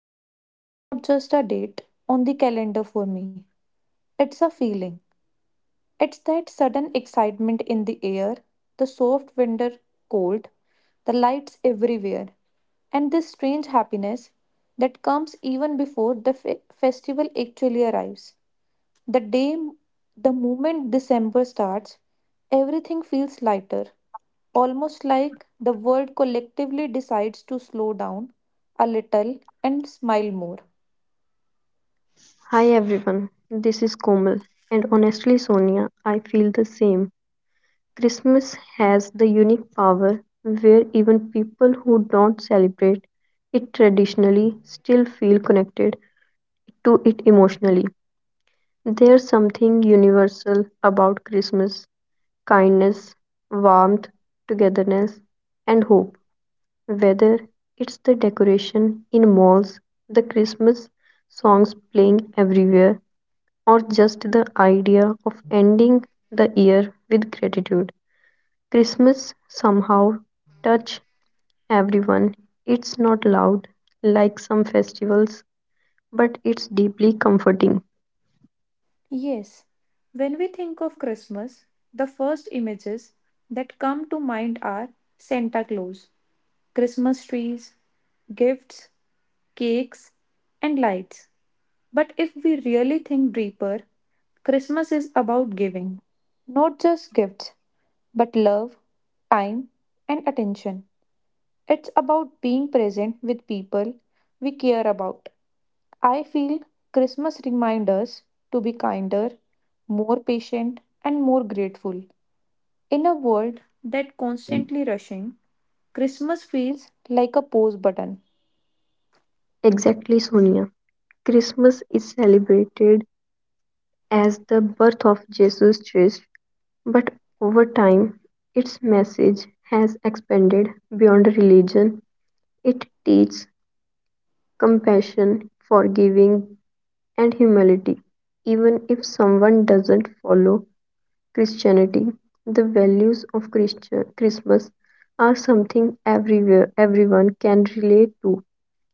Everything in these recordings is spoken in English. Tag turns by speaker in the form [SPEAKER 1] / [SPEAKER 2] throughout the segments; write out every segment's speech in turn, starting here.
[SPEAKER 1] Christmas is not just a date on the calendar for me; it's a feeling. It's that sudden excitement in the air, the soft winter cold, the lights everywhere, and this strange happiness that comes even before the festival actually arrives. The day, the moment December starts, everything feels lighter, almost like the world collectively decides to slow down a little and smile more.
[SPEAKER 2] Hi everyone, this is Komal, and honestly, Sonia, I feel the same. Christmas has the unique power where even people who don't celebrate it traditionally still feel connected to it emotionally. There's something universal about Christmas kindness, warmth, togetherness, and hope. Whether it's the decoration in malls, the Christmas songs playing everywhere, or just the idea of ending the year with gratitude. Christmas somehow touch everyone. It's not loud like some festivals, but it's deeply comforting.
[SPEAKER 1] Yes, when we think of Christmas, the first images that come to mind are Santa Claus, Christmas trees, gifts, cakes, and lights. But if we really think deeper, Christmas is about giving. Not just gifts, but love, time, and attention. It's about being present with people we care about. I feel Christmas reminds us to be kinder, more patient, and more grateful. In a world that constantly rushing, Christmas feels like a pause button.
[SPEAKER 2] Exactly, Sonia. Christmas is celebrated as the birth of Jesus Christ, but over time, its message has expanded beyond religion. It teaches compassion, forgiving and humility, even if someone doesn't follow Christianity. The values of Christmas are something everywhere everyone can relate to.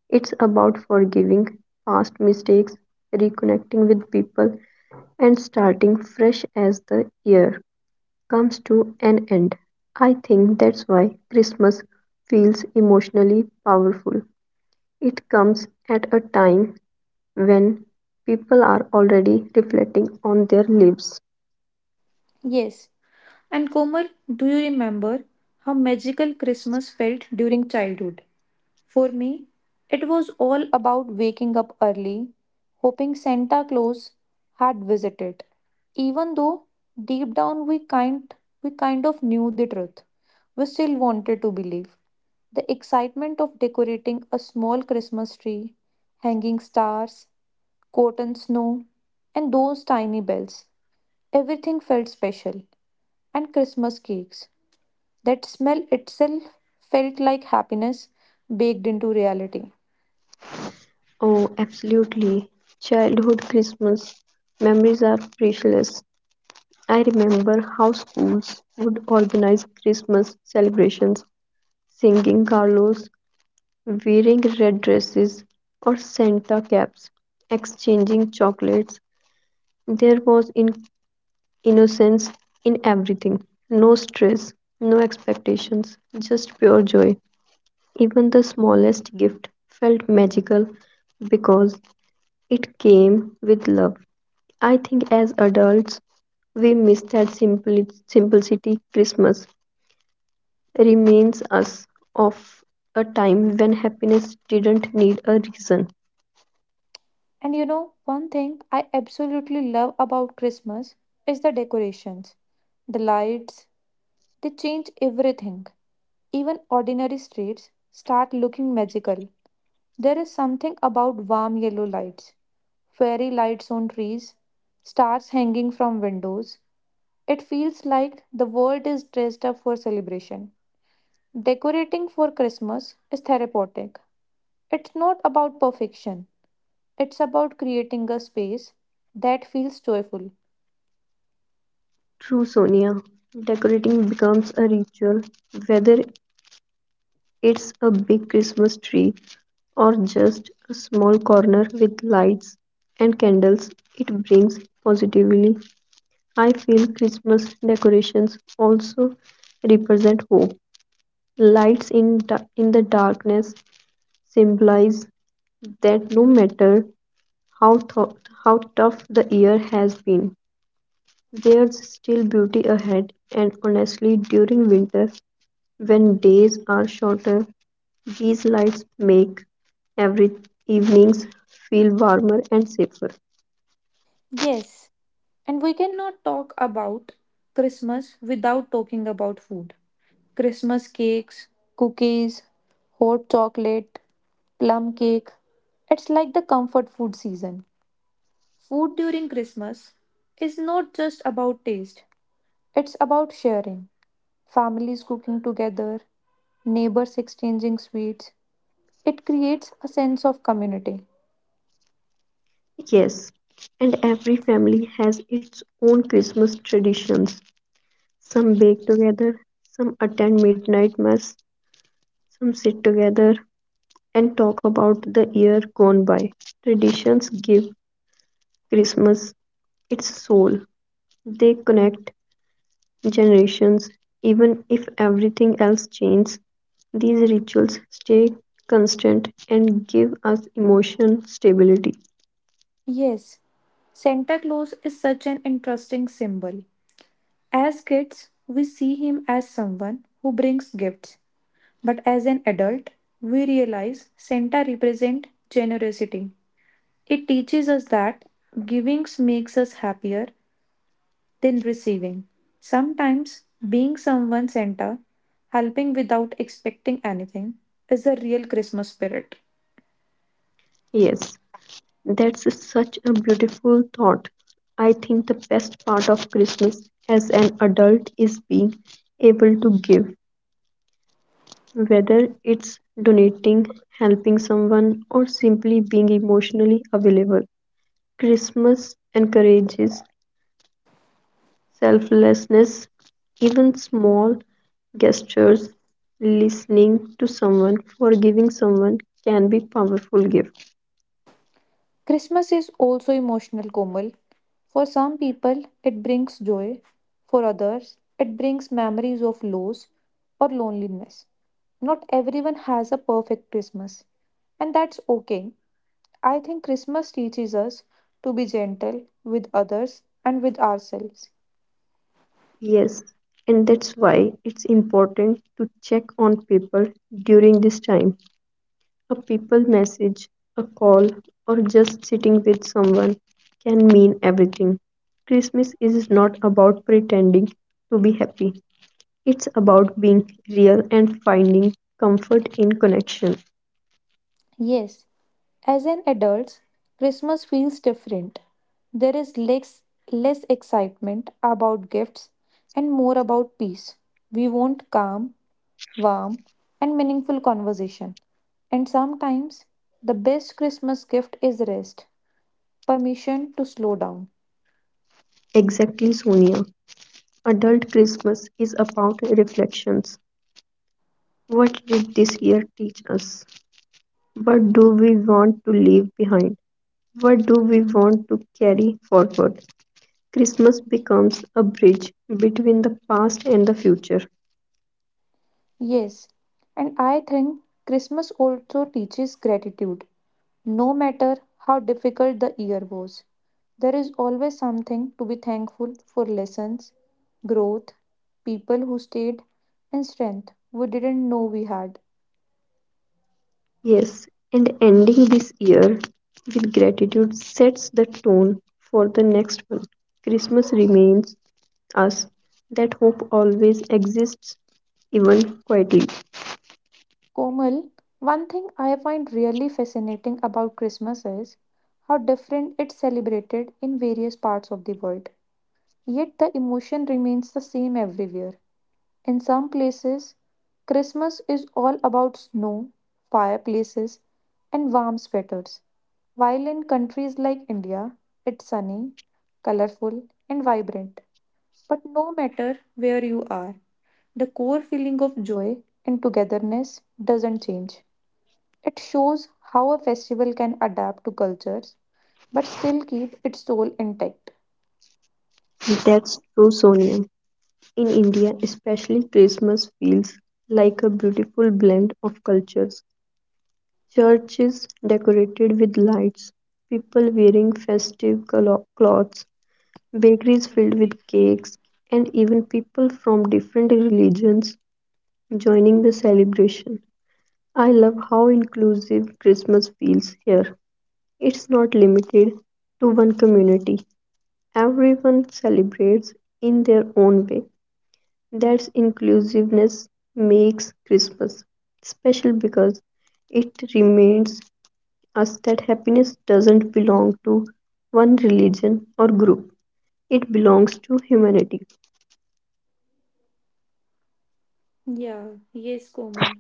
[SPEAKER 2] It's about forgiving past mistakes, reconnecting with people, and starting fresh as the year comes to an end. I think that's why Christmas feels emotionally powerful. It comes at a time when people are already reflecting on their lives.
[SPEAKER 1] Yes. And Komal, do you remember how magical Christmas felt during childhood? For me, it was all about waking up early, hoping Santa Claus had visited, even though deep down we kind of knew the truth. We still wanted to believe. The excitement of decorating a small Christmas tree, hanging stars, cotton snow, and those tiny bells. Everything felt special, and Christmas cakes. That smell itself felt like happiness baked into reality.
[SPEAKER 2] Oh, absolutely. Childhood Christmas memories are priceless. I remember how schools would organize Christmas celebrations, singing carlos, wearing red dresses or Santa caps, exchanging chocolates. There was innocence in everything. No stress, no expectations, just pure joy. Even the smallest gift felt magical because it came with love. I think as adults, we miss that simplicity. Christmas reminds us of a time when happiness didn't need a reason.
[SPEAKER 1] And you know, one thing I absolutely love about Christmas is the decorations, the lights, they change everything. Even ordinary streets start looking magical. There is something about warm yellow lights, fairy lights on trees, stars hanging from windows. It feels like the world is dressed up for celebration. Decorating for Christmas is therapeutic. It's not about perfection, it's about creating a space that feels joyful.
[SPEAKER 2] True, Sonia. Decorating becomes a ritual, whether it's a big Christmas tree or just a small corner with lights and candles. It brings positively. I feel Christmas decorations also represent hope. Lights in the darkness symbolize that no matter how, th- how tough the year has been, there's still beauty ahead. And honestly, during winter, when days are shorter, these lights make every evenings feel warmer and safer.
[SPEAKER 1] Yes, and we cannot talk about Christmas without talking about food. Christmas cakes, cookies, hot chocolate, plum cake. It's like the comfort food season. Food during Christmas is not just about taste, it's about sharing. Families cooking together, neighbors exchanging sweets. It creates a sense of community.
[SPEAKER 2] Yes, and every family has its own Christmas traditions. Some bake together, some attend midnight mass, some sit together and talk about the year gone by. Traditions give Christmas its soul. They connect generations, even if everything else changes. These rituals stay constant and give us emotional stability.
[SPEAKER 1] Yes, Santa Claus is such an interesting symbol. As kids, we see him as someone who brings gifts, but as an adult, we realize Santa represents generosity. It teaches us that giving makes us happier than receiving. Sometimes, being someone Santa, helping without expecting anything, is the real Christmas spirit.
[SPEAKER 2] Yes, that's such a beautiful thought. I think the best part of Christmas as an adult is being able to give, whether it's donating, helping someone, or simply being emotionally available. Christmas encourages selflessness, even small gestures, listening to someone, forgiving someone can be powerful gifts.
[SPEAKER 1] Christmas is also emotional, Komal. For some people, it brings joy. For others, it brings memories of loss or loneliness. Not everyone has a perfect Christmas, and that's okay. I think Christmas teaches us to be gentle with others and with ourselves.
[SPEAKER 2] Yes, and that's why it's important to check on people during this time. A people message, a call, or just sitting with someone can mean everything. Christmas is not about pretending to be happy, it's about being real and finding comfort in connection.
[SPEAKER 1] Yes, as an adult, Christmas feels different. There is less excitement about gifts and more about peace. We want calm warm, and meaningful conversation. And sometimes the best Christmas gift is rest, permission to slow down.
[SPEAKER 2] Exactly, Sonia. Adult Christmas is about reflections. What did this year teach us? What do we want to leave behind? What do we want to carry forward? Christmas becomes a bridge between the past and the future.
[SPEAKER 1] Yes, and I think Christmas also teaches gratitude. No matter how difficult the year was, there is always something to be thankful for lessons, growth, people who stayed, and strength we didn't know we had.
[SPEAKER 2] Yes, and ending this year with gratitude sets the tone for the next one. Christmas reminds us that hope always exists, even quietly.
[SPEAKER 1] Komal, one thing I find really fascinating about Christmas is how different it's celebrated in various parts of the world. Yet the emotion remains the same everywhere. In some places, Christmas is all about snow, fireplaces, and warm sweaters, while in countries like India, it's sunny, colorful, and vibrant. But no matter where you are, the core feeling of joy and togetherness doesn't change. It shows how a festival can adapt to cultures but still keep its soul intact.
[SPEAKER 2] That's true, Sonia. In India, especially, Christmas feels like a beautiful blend of cultures. Church is decorated with lights, people wearing festive clothes, bakeries filled with cakes, and even people from different religions joining the celebration. I love how inclusive Christmas feels here. It's not limited to one community, everyone celebrates in their own way. That inclusiveness makes Christmas special because it remains us that happiness doesn't belong to one religion or group, it belongs to humanity.
[SPEAKER 1] Yeah, yes, Komal.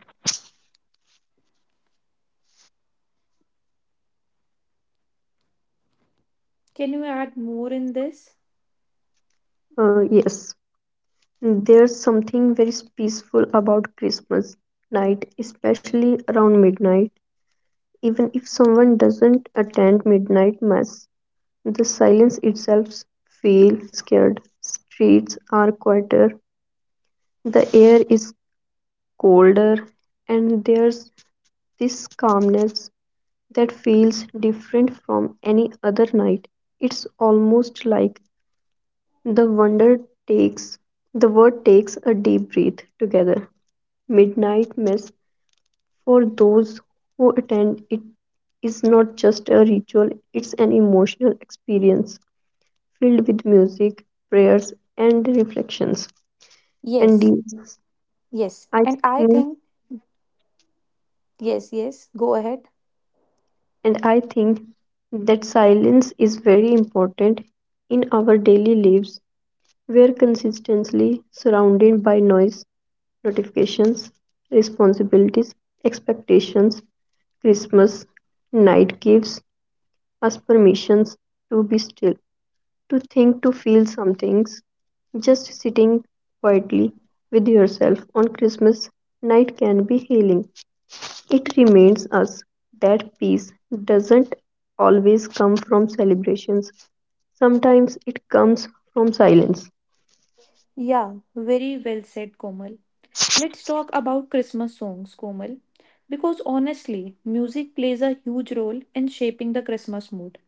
[SPEAKER 1] Can you add more in this?
[SPEAKER 2] Yes, there's something very peaceful about Christmas night, especially around midnight. Even if someone doesn't attend midnight mass, the silence itself feels scared. Streets are quieter, the air is colder, and there's this calmness that feels different from any other night. It's almost like the wonder takes the word takes a deep breath together. Midnight mass for those who attend it is not just a ritual, it's an emotional experience filled with music, prayers and reflections. And
[SPEAKER 1] Yes,
[SPEAKER 2] these,
[SPEAKER 1] yes.
[SPEAKER 2] I
[SPEAKER 1] And I
[SPEAKER 2] think
[SPEAKER 1] think, yes, yes, go ahead.
[SPEAKER 2] and I think that silence is very important in our daily lives were consistently surrounded by noise, notifications, responsibilities, expectations. Christmas night gives us permissions to be still, to think, to feel some things. Just sitting quietly with yourself on Christmas night can be healing. It reminds us that peace doesn't always come from celebrations, sometimes it comes from silence.
[SPEAKER 1] Yeah, very well said, Komal. Let's talk about Christmas songs, Komal. Because honestly, music plays a huge role in shaping the Christmas mood.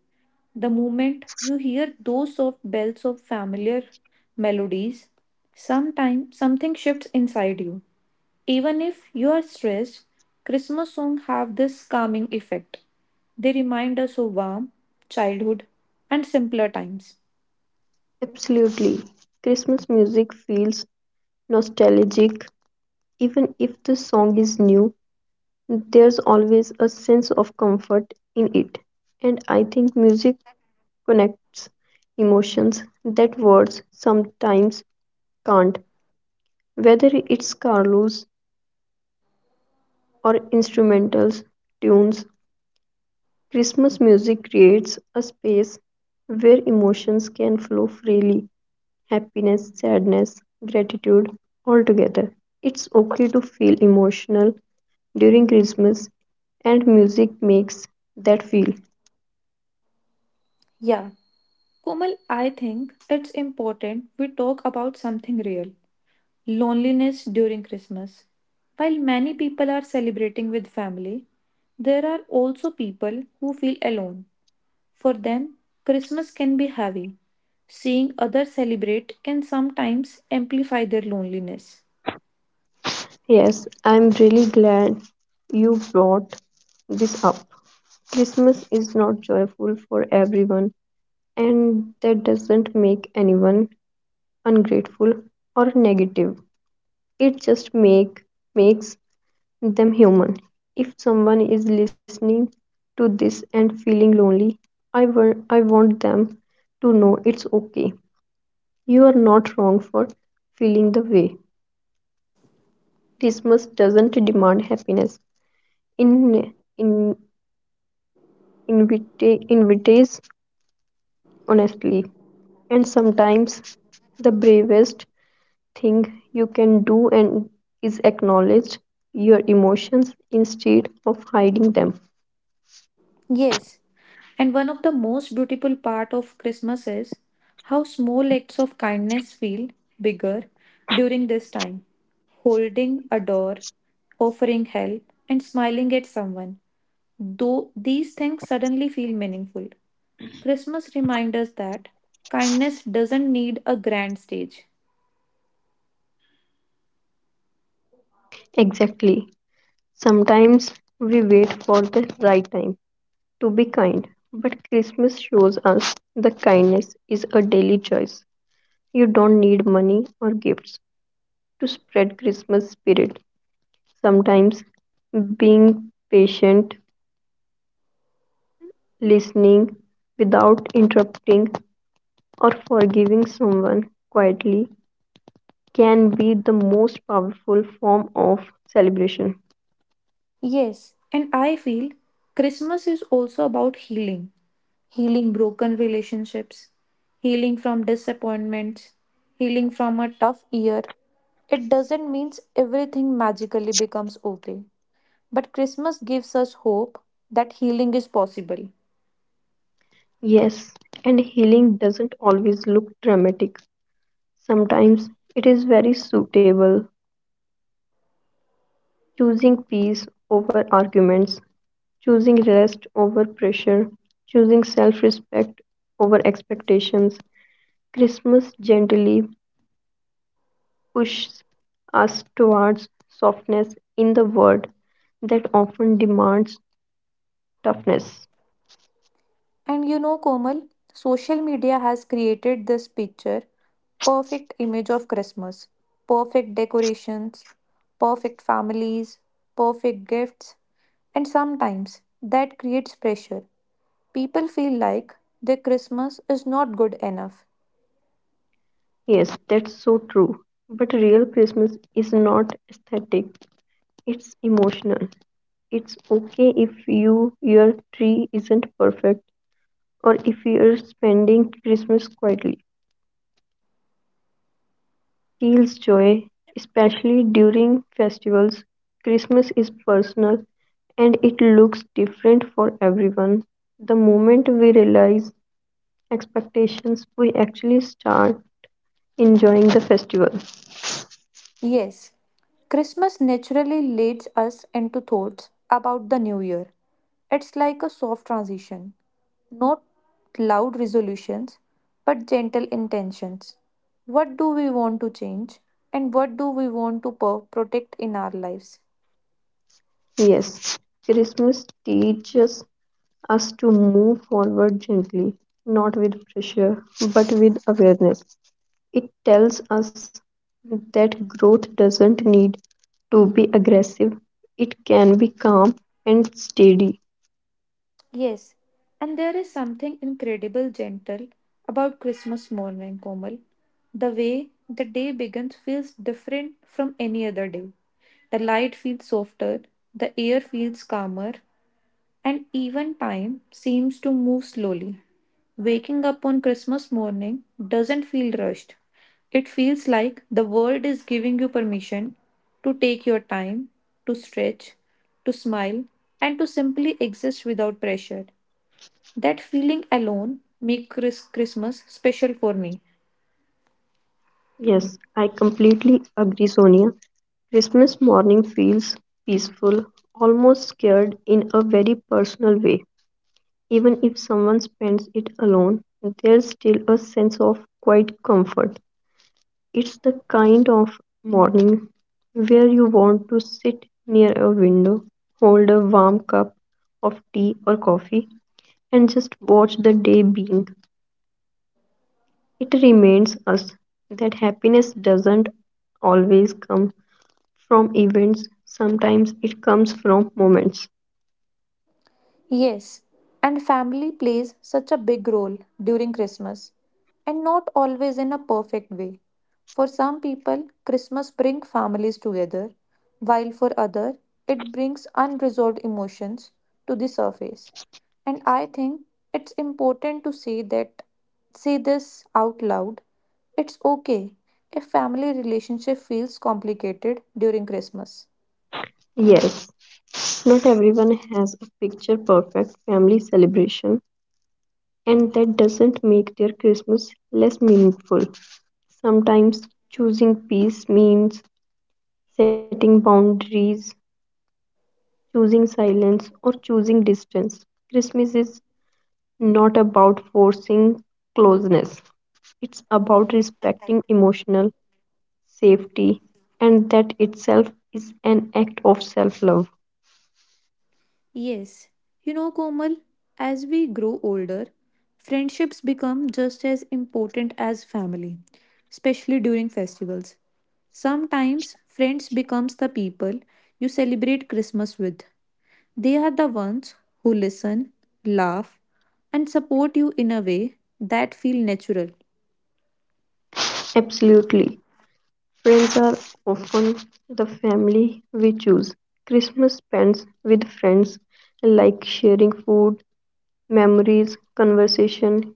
[SPEAKER 1] The moment you hear those soft bells of familiar melodies, sometime something shifts inside you. Even if you are stressed, Christmas songs have this calming effect. They remind us of warm childhood and simpler times.
[SPEAKER 2] Absolutely. Christmas music feels nostalgic. Even if the song is new, there's always a sense of comfort in it. And I think music connects emotions that words sometimes can't. Whether it's carols or instrumentals, tunes, Christmas music creates a space where emotions can flow freely. Happiness, sadness, gratitude all together. It's okay to feel emotional during Christmas, and music makes that feel.
[SPEAKER 1] Yeah, Komal, I think it's important we talk about something real loneliness during Christmas. While many people are celebrating with family, there are also people who feel alone For them, Christmas can be heavy. Seeing others celebrate can sometimes amplify their loneliness.
[SPEAKER 2] Yes, I'm really glad you brought this up. Christmas is not joyful for everyone, and that doesn't make anyone ungrateful or negative. It just makes them human. If someone is listening to this and feeling lonely, I want them to know it's okay. You are not wrong for feeling the way. Christmas doesn't demand happiness. In in invite invites honestly. And sometimes the bravest thing you can do and is acknowledge your emotions instead of hiding them.
[SPEAKER 1] Yes, and one of the most beautiful part of Christmas is how small acts of kindness feel bigger during this time. Holding a door, offering help, and smiling at someone. Though these things suddenly feel meaningful. Christmas reminds us that kindness doesn't need a grand stage.
[SPEAKER 2] Exactly. Sometimes we wait for the right time to be kind, but Christmas shows us that kindness is a daily choice. You don't need money or gifts to spread Christmas spirit. Sometimes being patient, listening without interrupting, or forgiving someone quietly can be the most powerful form of celebration.
[SPEAKER 1] Yes, and I feel Christmas is also about healing, healing broken relationships, healing from disappointments, healing from a tough year. It doesn't mean everything magically becomes okay, but Christmas gives us hope that healing is possible.
[SPEAKER 2] Yes, and healing doesn't always look dramatic. Sometimes it is very suitable, choosing peace over arguments, choosing rest over pressure, choosing self respect over expectations. Christmas gently pushes us towards softness in the world that often demands toughness.
[SPEAKER 1] And you know, Komal, social media has created this picture perfect image of Christmas, perfect decorations, perfect families, perfect gifts, and sometimes that creates pressure. People feel like their Christmas is not good enough.
[SPEAKER 2] Yes, that's so true. But real Christmas is not aesthetic, it's emotional. It's okay if you your tree isn't perfect or if you're spending Christmas quietly. Steals joy, especially during festivals. Christmas is personal and it looks different for everyone. The moment we realize expectations, we actually start enjoying the festival.
[SPEAKER 1] Yes, Christmas naturally leads us into thoughts about the new year. It's like a soft transition, not loud resolutions, but gentle intentions. What do we want to change and what do we want to protect in our lives?
[SPEAKER 2] Yes, Christmas teaches us to move forward gently, not with pressure, but with awareness. It tells us that growth doesn't need to be aggressive. It can be calm and steady.
[SPEAKER 1] Yes, and there is something incredible gentle about Christmas morning, Komal. The way the day begins feels different from any other day. The light feels softer, the air feels calmer, and even time seems to move slowly. Waking up on Christmas morning doesn't feel rushed. It feels like the world is giving you permission to take your time, to stretch, to smile, and to simply exist without pressure. That feeling alone makes Christmas special for me.
[SPEAKER 2] Yes, I completely agree, Sonia. Christmas morning feels peaceful, almost scared in a very personal way. Even if someone spends it alone, there's still a sense of quiet comfort. It's the kind of morning where you want to sit near a window, hold a warm cup of tea or coffee, and just watch the day being. It reminds us that happiness doesn't always come from events, sometimes it comes from moments.
[SPEAKER 1] Yes, and family plays such a big role during Christmas, and not always in a perfect way. For some people, Christmas brings families together, while for others, it brings unresolved emotions to the surface. And I think it's important to say this out loud. It's okay if family relationship feels complicated during Christmas.
[SPEAKER 2] Yes, not everyone has a picture perfect family celebration, and that doesn't make their Christmas less meaningful. Sometimes choosing peace means setting boundaries, choosing silence, or choosing distance. Christmas is not about forcing closeness, it's about respecting emotional safety, and that itself is an act of self love.
[SPEAKER 1] Yes. You know, Komal, as we grow older, friendships become just as important as family, especially during festivals. Sometimes friends becomes the people you celebrate Christmas with. They are the ones who listen, laugh, and support you in a way that feel natural.
[SPEAKER 2] Absolutely. Friends are often the family we choose. Christmas spent with friends, like sharing food, memories, conversation,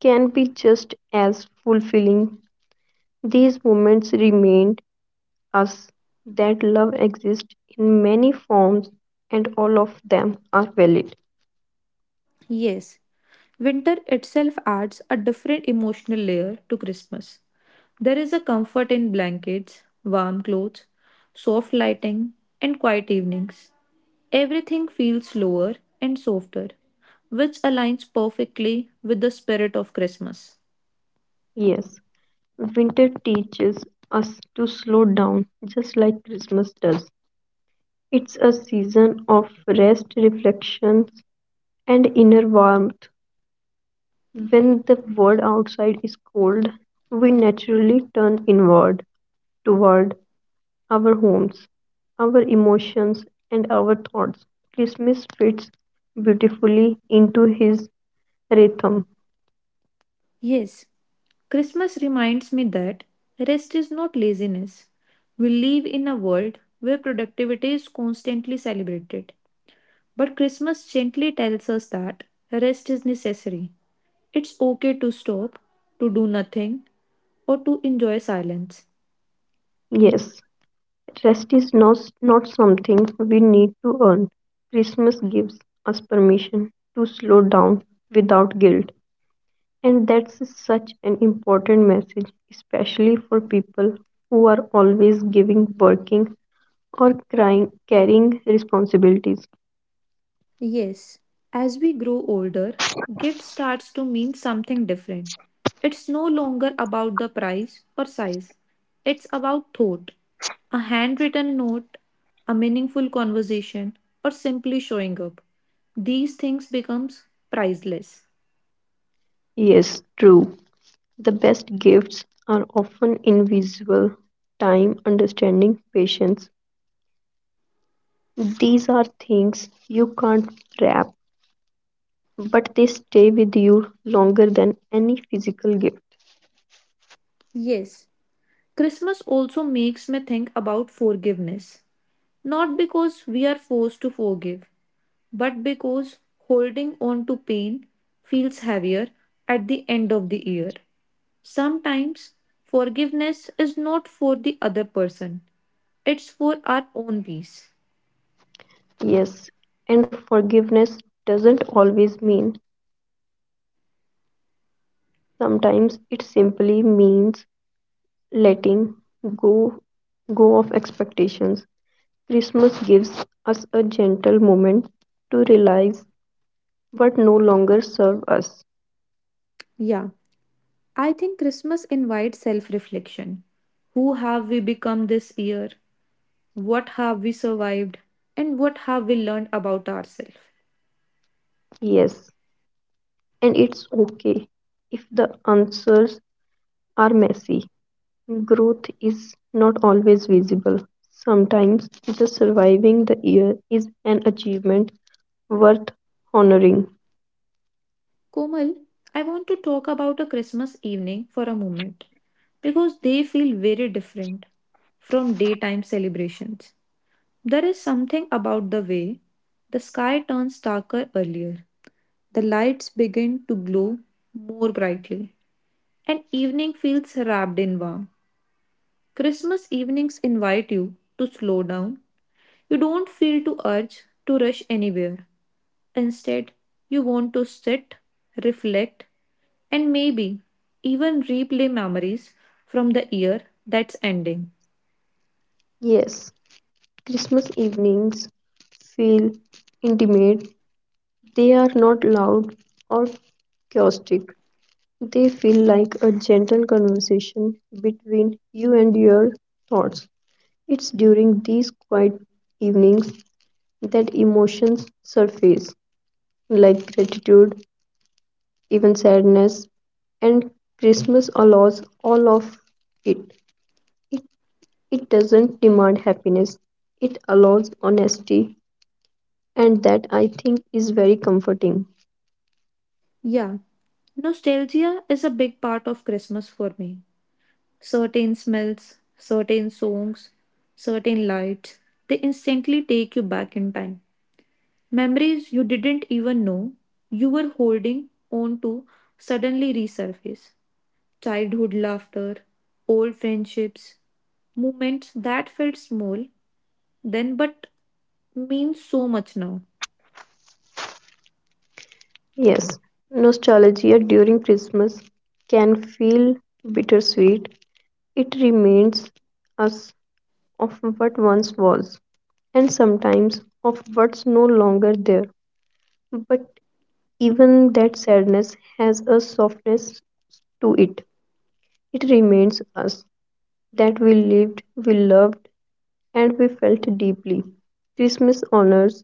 [SPEAKER 2] can be just as fulfilling. These moments remind us that love exists in many forms and all of them are valid.
[SPEAKER 1] Yes, Winter itself adds a different emotional layer to Christmas. There is a comfort in blankets, warm clothes, soft lighting, and quiet evenings. Everything feels slower and softer, which aligns perfectly with the spirit of Christmas.
[SPEAKER 2] Yes. Winter teaches us to slow down, just like Christmas does. It's a season of rest, reflections, and inner warmth. When the world outside is cold, we naturally turn inward, toward our homes, our emotions, and our thoughts. Christmas fits beautifully into his rhythm.
[SPEAKER 1] Yes, Christmas reminds me that rest is not laziness. We live in a world where productivity is constantly celebrated. But Christmas gently tells us that rest is necessary. It's okay to stop, to do nothing, or to enjoy silence.
[SPEAKER 2] Yes. Rest is not something we need to earn. Christmas gives us permission to slow down without guilt. And that's such an important message, especially for people who are always giving, working, or crying, carrying responsibilities.
[SPEAKER 1] Yes, as we grow older, gift starts to mean something different. It's no longer about the price or size. It's about thought. A handwritten note, a meaningful conversation, or simply showing up. These things becomes priceless.
[SPEAKER 2] Yes, true. The best gifts are often invisible time, understanding, patience. These are things you can't wrap but they stay with you longer than any physical gift.
[SPEAKER 1] Yes, Christmas also makes me think about forgiveness. Not because we are forced to forgive, but because holding on to pain feels heavier at the end of the year. Sometimes forgiveness is not for the other person, it's for our own peace.
[SPEAKER 2] Yes, and forgiveness doesn't always mean. Sometimes it simply means letting go go of expectations. Christmas gives us a gentle moment to realize what no longer serve us.
[SPEAKER 1] Yeah, I think Christmas invites self reflection. Who have we become this year? What have we survived? And what have we learned about ourselves?
[SPEAKER 2] Yes, and it's okay if the answers are messy. Growth is not always visible. Sometimes just surviving the year is an achievement worth honoring.
[SPEAKER 1] Komal, I want to talk about a Christmas evening for a moment because they feel very different from daytime celebrations. There is something about the way the sky turns darker earlier, the lights begin to glow more brightly, and evening feels wrapped in warm. Christmas evenings invite you to slow down. You don't feel to urge to rush anywhere. Instead, you want to sit, reflect, and maybe even replay memories from the year that's ending.
[SPEAKER 2] Yes, Christmas evenings feel intimate. They are not loud or chaotic. They feel like a gentle conversation between you and your thoughts. It's during these quiet evenings that emotions surface, like gratitude, even sadness and christmas allows all of it it. It doesn't demand happiness, it allows honesty, and that, I think, is very comforting.
[SPEAKER 1] Yeah, nostalgia is a big part of Christmas for me. Certain smells, certain songs, certain lights, they instantly take you back in time. Memories you didn't even know you were holding on to suddenly resurface. Childhood laughter, old friendships, moments that felt small then but mean so much now.
[SPEAKER 2] Yes, nostalgia during christmas can feel bittersweet. It reminds us of what once was, and sometimes of what's no longer there. But even that sadness has a softness to it. It reminds us that we lived, we loved, and we felt deeply. Christmas honors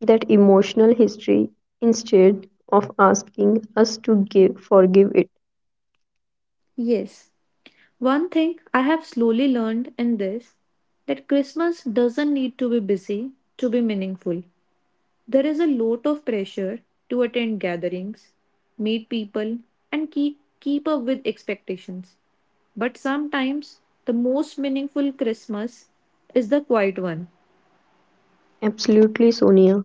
[SPEAKER 2] that emotional history instead of asking us to forgive it.
[SPEAKER 1] Yes, one thing I have slowly learned in this that Christmas doesn't need to be busy to be meaningful. There is a lot of pressure to attend gatherings, meet people, and keep up with expectations. But sometimes the most meaningful Christmas is the quiet one.
[SPEAKER 2] Absolutely, Sonia.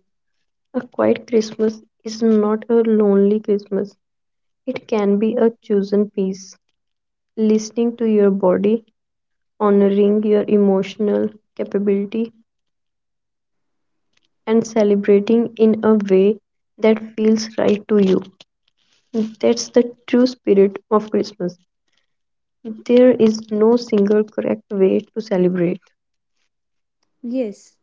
[SPEAKER 2] A quiet Christmas is not a lonely Christmas, it can be a chosen peace. Listening to your body, honoring your emotional capability, and celebrating in a way that feels right to you. That's the true spirit of Christmas. There is no single correct way to celebrate.
[SPEAKER 1] Yes,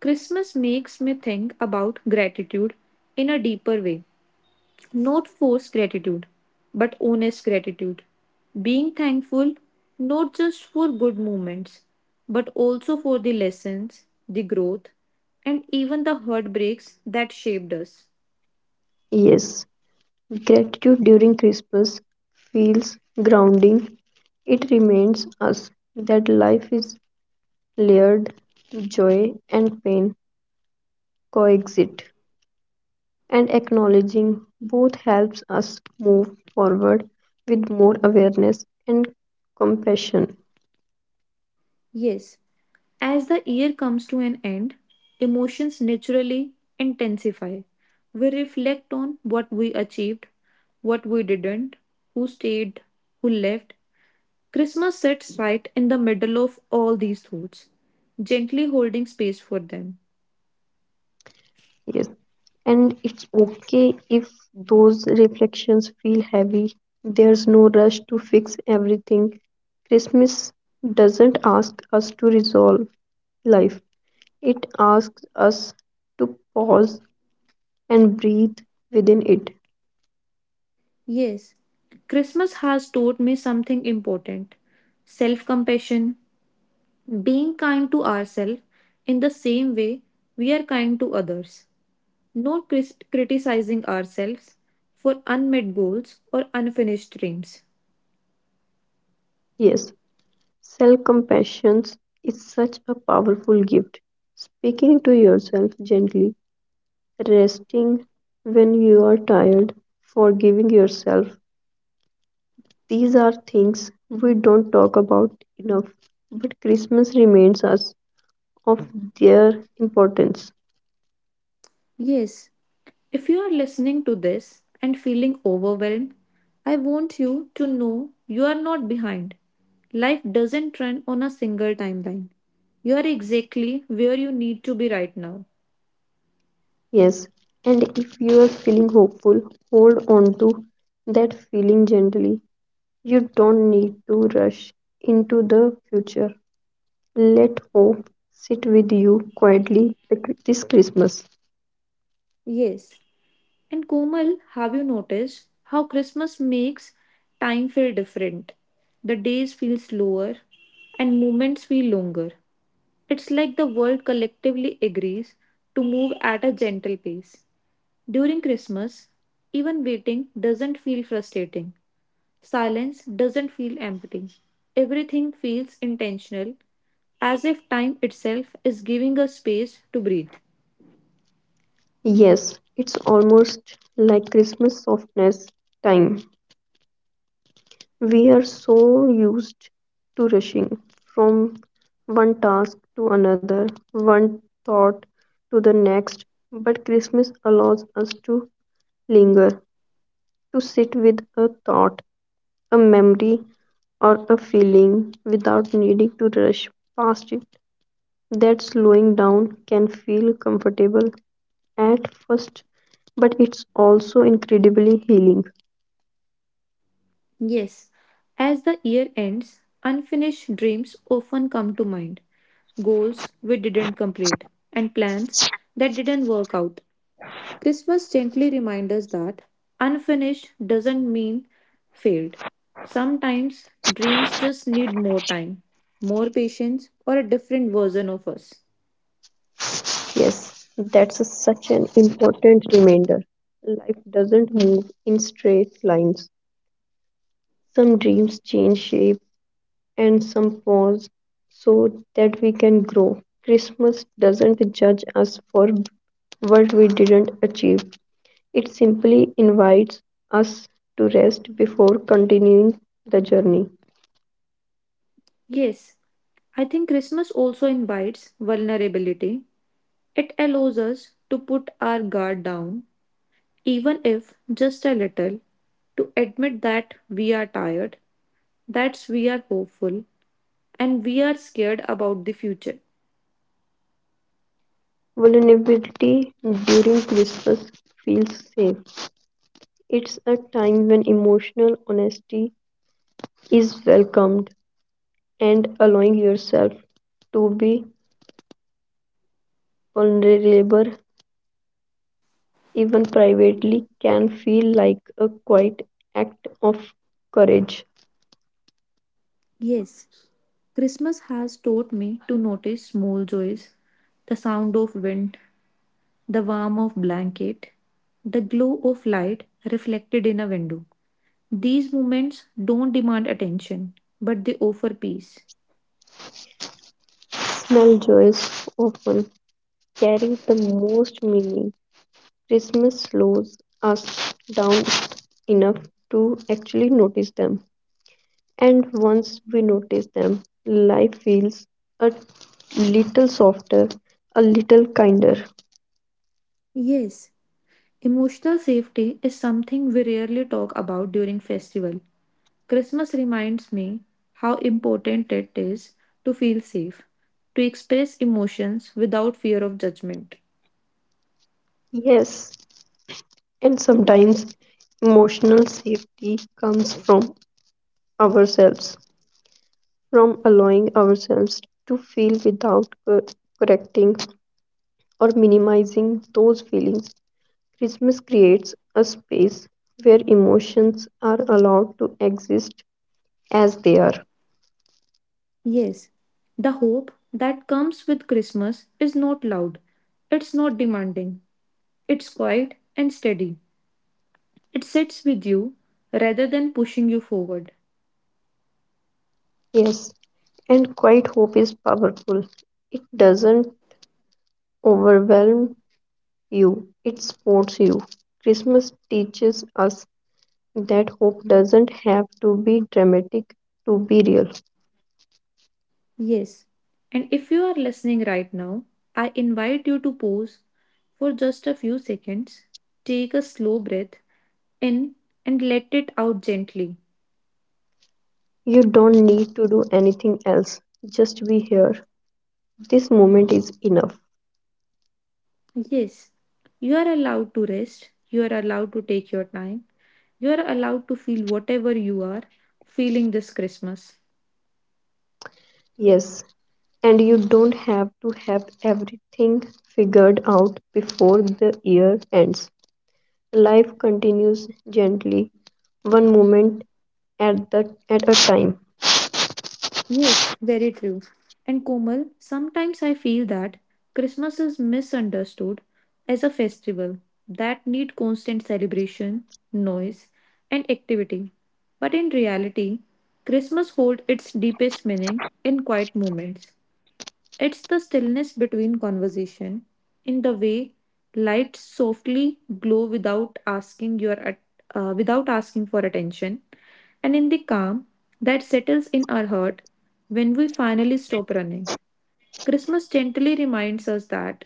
[SPEAKER 1] Christmas makes me think about gratitude in a deeper way. Not forced gratitude, but honest gratitude. Being thankful not just for good moments, but also for the lessons, the growth, and even the heartbreaks that shaped us.
[SPEAKER 2] Yes, gratitude during Christmas feels grounding. It reminds us that life is layered, joy and pain coexist, and acknowledging both helps us move forward with more awareness and compassion.
[SPEAKER 1] Yes, as the year comes to an end, emotions naturally intensify. We reflect on what we achieved, what we didn't, who stayed, who left, Christmas sits right in the middle of all these thoughts, gently holding space for them.
[SPEAKER 2] Yes. And it's okay if those reflections feel heavy. There's no rush to fix everything. Christmas doesn't ask us to resolve life, it asks us to pause and breathe within it.
[SPEAKER 1] Yes, Christmas has taught me something important self compassion, being kind to ourselves in the same way we are kind to others, not criticizing ourselves for unmet goals or unfinished dreams.
[SPEAKER 2] Yes, self compassion is such a powerful gift. Speaking to yourself gently, resting when you are tired, forgiving yourself. These are things we don't talk about enough, but Christmas reminds us of their importance.
[SPEAKER 1] Yes, if you are listening to this and feeling overwhelmed, I want you to know you are not behind. Life doesn't run on a single timeline. You are exactly where you need to be right now.
[SPEAKER 2] Yes, and if you are feeling hopeful, hold on to that feeling gently. You don't need to rush into the future. Let hope sit with you quietly this Christmas.
[SPEAKER 1] Yes. And Komal, have you noticed how Christmas makes time feel different? The days feel slower and moments feel longer. It's like the world collectively agrees to move at a gentle pace. During Christmas, even waiting doesn't feel frustrating. Silence doesn't feel empty. Everything feels intentional, as if time itself is giving us space to breathe.
[SPEAKER 2] Yes, it's almost like Christmas softness time. We are so used to rushing from one task to another, one thought to the next, but Christmas allows us to linger, to sit with a thought, a memory, or a feeling without needing to rush past it. That slowing down can feel comfortable at first, but it's also incredibly healing.
[SPEAKER 1] Yes, as the year ends, unfinished dreams often come to mind goals we didn't complete, and plans that didn't work out. Christmas gently reminds us that unfinished doesn't mean failed. Sometimes dreams just need more time, more patience, or a different version of us.
[SPEAKER 2] Yes, such an important reminder. Life doesn't move in straight lines. Some dreams change shape and some pause so that we can grow. Christmas doesn't judge us for what we didn't achieve, it simply invites us to rest before continuing the journey.
[SPEAKER 1] Yes, I think Christmas also invites vulnerability. It allows us to put our guard down, even if just a little, to admit that we are tired, that we are hopeful, and we are scared about the future.
[SPEAKER 2] Vulnerability during Christmas feels safe. It's a time when emotional honesty is welcomed and allowing yourself to be vulnerable even privately can feel like a quiet act of courage.
[SPEAKER 1] Yes, Christmas has taught me to notice small joys the sound of wind, the warmth of blanket, the glow of light reflected in a window. These moments don't demand attention, but they offer peace.
[SPEAKER 2] Small joys often carry the most meaning. Christmas slows us down enough to actually notice them. And once we notice them, life feels a little softer, a little kinder.
[SPEAKER 1] Yes, emotional safety is something we rarely talk about during festival. Christmas reminds me how important it is to feel safe, to express emotions without fear of judgment.
[SPEAKER 2] Yes, and sometimes emotional safety comes from ourselves, from allowing ourselves to feel without correcting or minimizing those feelings. Christmas creates a space where emotions are allowed to exist as they are.
[SPEAKER 1] Yes, the hope that comes with Christmas is not loud, it's not demanding, it's quiet and steady. It sits with you rather than pushing you forward.
[SPEAKER 2] Yes, and quiet hope is powerful. It doesn't overwhelm you, it supports you. Christmas teaches us that hope doesn't have to be dramatic to be real.
[SPEAKER 1] Yes, and if you are listening right now, I invite you to pause for just a few seconds, take a slow breath in and let it out gently.
[SPEAKER 2] You don't need to do anything else. Just be here. This moment is enough.
[SPEAKER 1] Yes, you are allowed to rest, you are allowed to take your time, you're allowed to feel whatever you are feeling this Christmas.
[SPEAKER 2] Yes, and you don't have to have everything figured out before the year ends. Life continues gently, one moment at a time.
[SPEAKER 1] Yes, very true. And Komal, sometimes I feel that Christmas is misunderstood as a festival that need constant celebration, noise, and activity. But in reality, Christmas holds its deepest meaning in quiet moments. It's the stillness between conversation, in the way lights softly glow without asking your without asking for attention, and in the calm that settles in our heart when we finally stop running. Christmas gently reminds us that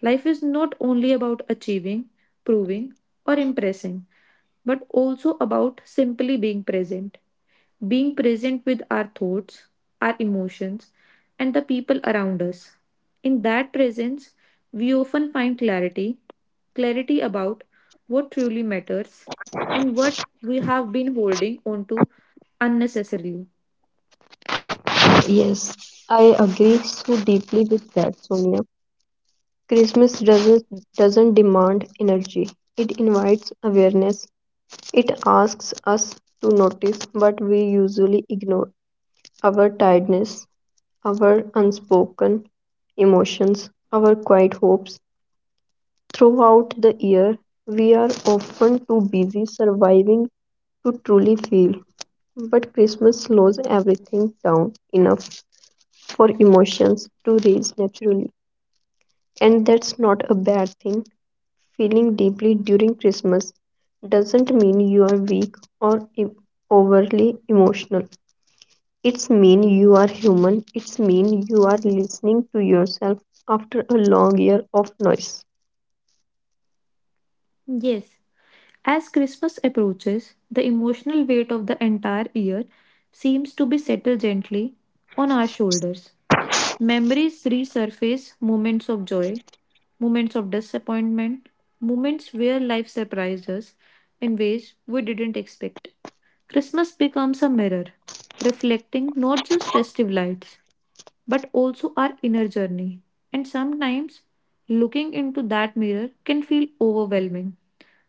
[SPEAKER 1] life is not only about achieving, proving, or impressing, but also about simply being present with our thoughts, our emotions, and the people around us. In that presence, we often find clarity clarity about what truly matters and what we have been holding on to unnecessarily.
[SPEAKER 2] Yes, I agree so deeply with that, Sonia. Christmas doesn't demand energy, it invites awareness. It asks us to notice what we usually ignore our tiredness, our unspoken emotions, our quiet hopes. Throughout the year, we are often too busy surviving to truly feel. But Christmas slows everything down enough for emotions to rise naturally. And that's not a bad thing. Feeling deeply during Christmas doesn't mean you are weak or overly emotional. It's mean you are human. It's mean you are listening to yourself after a long year of noise.
[SPEAKER 1] Yes, as Christmas approaches, the emotional weight of the entire year seems to be settled gently on our shoulders. Memories resurface moments of joy, moments of disappointment, moments where life surprised us in ways we didn't expect. Christmas becomes a mirror, reflecting not just festive lights but also our inner journey. And sometimes looking into that mirror can feel overwhelming.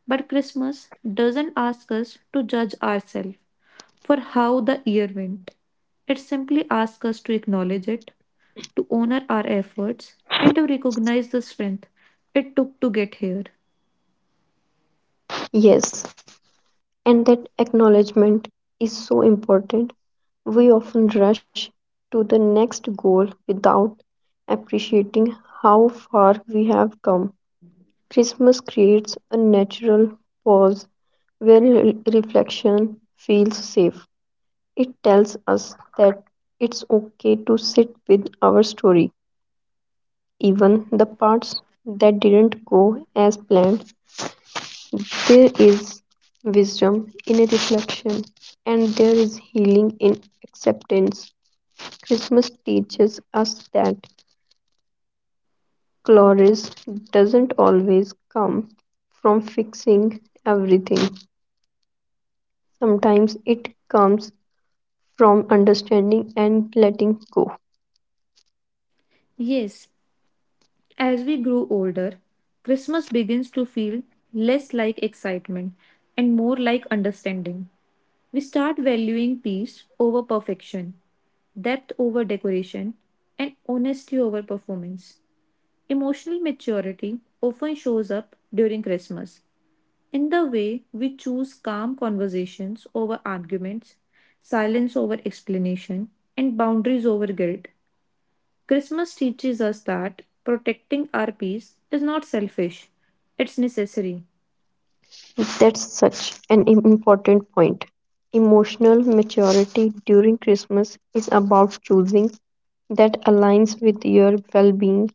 [SPEAKER 1] But Christmas doesn't ask us to judge ourselves for how the year went. It simply asks us to acknowledge it, to honor our efforts, and to recognize the strength it took to get here.
[SPEAKER 2] Yes, and that acknowledgement is so important. We often rush to the next goal without appreciating how far we have come. Christmas creates a natural pause where reflection feels safe. It tells us that it's okay to sit with our story, even the parts that didn't go as planned. There is wisdom in reflection, and there is healing in acceptance. Christmas teaches us that glory doesn't always come from fixing everything. Sometimes it comes from understanding and letting go.
[SPEAKER 1] Yes, as we grow older, Christmas begins to feel less like excitement and more like understanding. We start valuing peace over perfection, depth over decoration, and honesty over performance. Emotional maturity often shows up during Christmas in the way we choose calm conversations over arguments, silence over explanation, and boundaries over guilt. Christmas teaches us that protecting our peace is not selfish, it's necessary.
[SPEAKER 2] That's such an im- important point. Emotional maturity during Christmas is about choosing that aligns with your well being.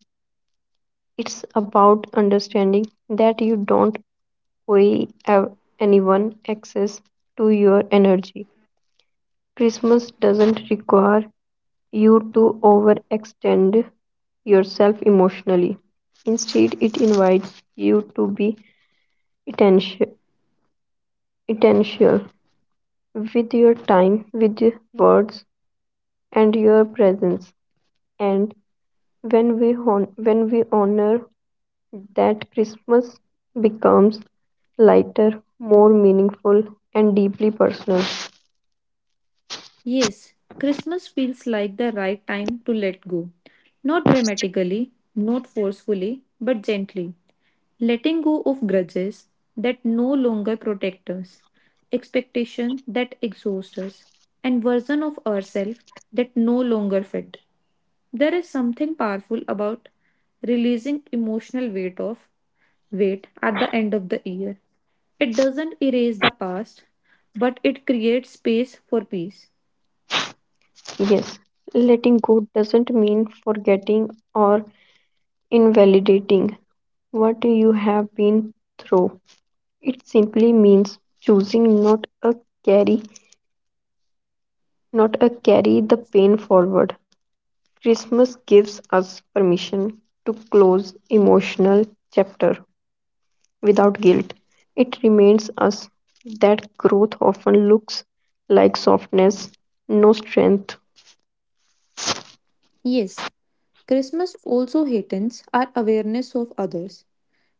[SPEAKER 2] It's about understanding that you don't owe ev- anyone access to your energy. Christmas doesn't require you to overextend yourself emotionally. Instead, it invites you to be intention- intentional with your time, with your words, and your presence. And when we honor that, Christmas becomes lighter, more meaningful, and deeply personal.
[SPEAKER 1] Yes, Christmas feels like the right time to let go. Not dramatically, not forcefully, but gently. Letting go of grudges that no longer protect us, expectation that exhaust us, and version of ourselves that no longer fit. There is something powerful about releasing emotional weight of weight at the end of the year. It doesn't erase the past, but it creates space for peace.
[SPEAKER 2] Yes, letting go doesn't mean forgetting or invalidating what you have been through. It simply means choosing carry not a carry the pain forward. Christmas gives us permission to close emotional chapter without guilt. It reminds us that growth often looks like softness, no strength.
[SPEAKER 1] Yes, Christmas also heightens our awareness of others.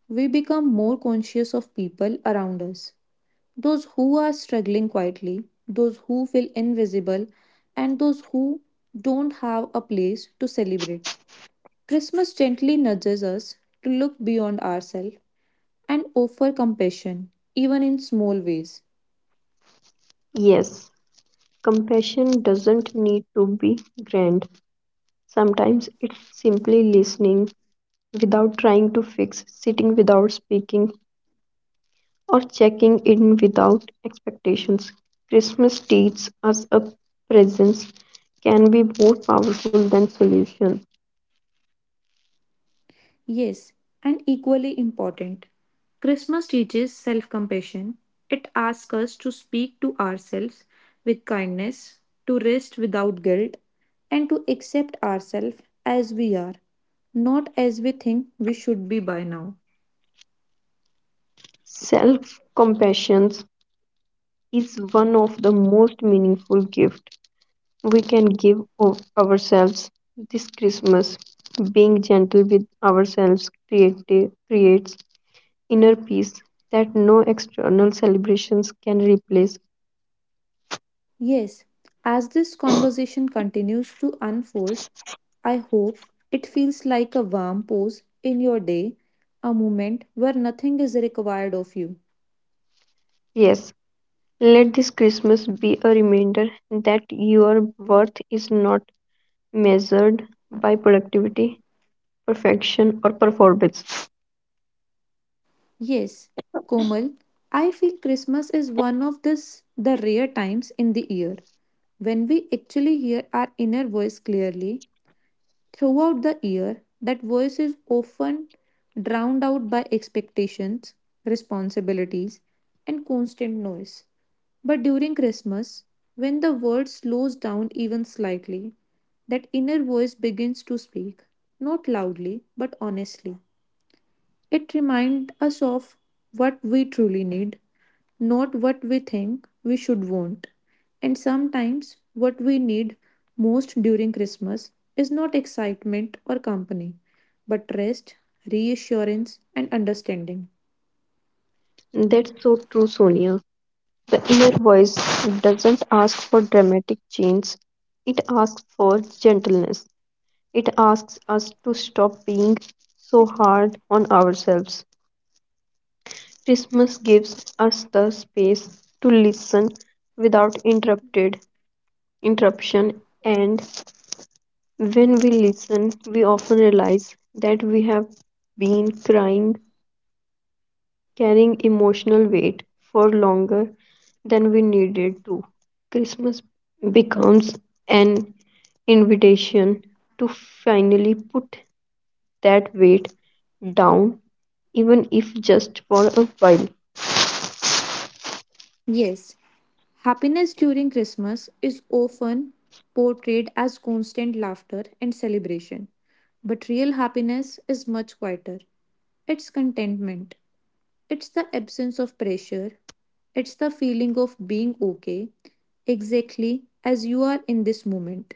[SPEAKER 1] We become more conscious of people around us those who are struggling quietly, those who feel invisible, and those who don't have a place to celebrate. Christmas gently nudges us to look beyond ourselves and offer compassion, even in small ways.
[SPEAKER 2] Yes, compassion doesn't need to be grand. Sometimes it's simply listening without trying to fix, sitting without speaking, or checking in without expectations. Christmas teaches us a presence can be more powerful than solution.
[SPEAKER 1] Yes, and equally important, Christmas teaches self compassion. It asks us to speak to ourselves with kindness, to rest without guilt, and to accept ourselves as we are, not as we think we should be by now.
[SPEAKER 2] Self compassion is one of the most meaningful gifts we can give of ourselves this Christmas. Being gentle with ourselves creates inner peace that no external celebrations can replace.
[SPEAKER 1] Yes, as this conversation continues to unfold, I hope it feels like a warm pause in your day, a moment where nothing is required of you.
[SPEAKER 2] Yes, let this Christmas be a reminder that your worth is not measured by productivity, perfection, or performance.
[SPEAKER 1] Yes, Komal, I feel Christmas is one of this the rare times in the year when we actually hear our inner voice clearly. Throughout the year, that voice is often drowned out by expectations, responsibilities, and constant noise. But during Christmas, when the world slows down even slightly, that inner voice begins to speak, not loudly, but honestly. It reminds us of what we truly need, not what we think we should want. And sometimes, what we need most during Christmas is not excitement or company, but rest, reassurance, and understanding.
[SPEAKER 2] That's so true, Sonia. The inner voice doesn't ask for dramatic change, it asks for gentleness. It asks us to stop being so hard on ourselves. Christmas gives us the space to listen without interrupted interruption. And when we listen, we often realize that we have been crying, carrying emotional weight for longer than we needed to. Christmas becomes an invitation to finally put that weight down, even if just for a while.
[SPEAKER 1] Yes, happiness during Christmas is often portrayed as constant laughter and celebration. But real happiness is much quieter. It's contentment, it's the absence of pressure. It's the feeling of being okay, exactly as you are in this moment.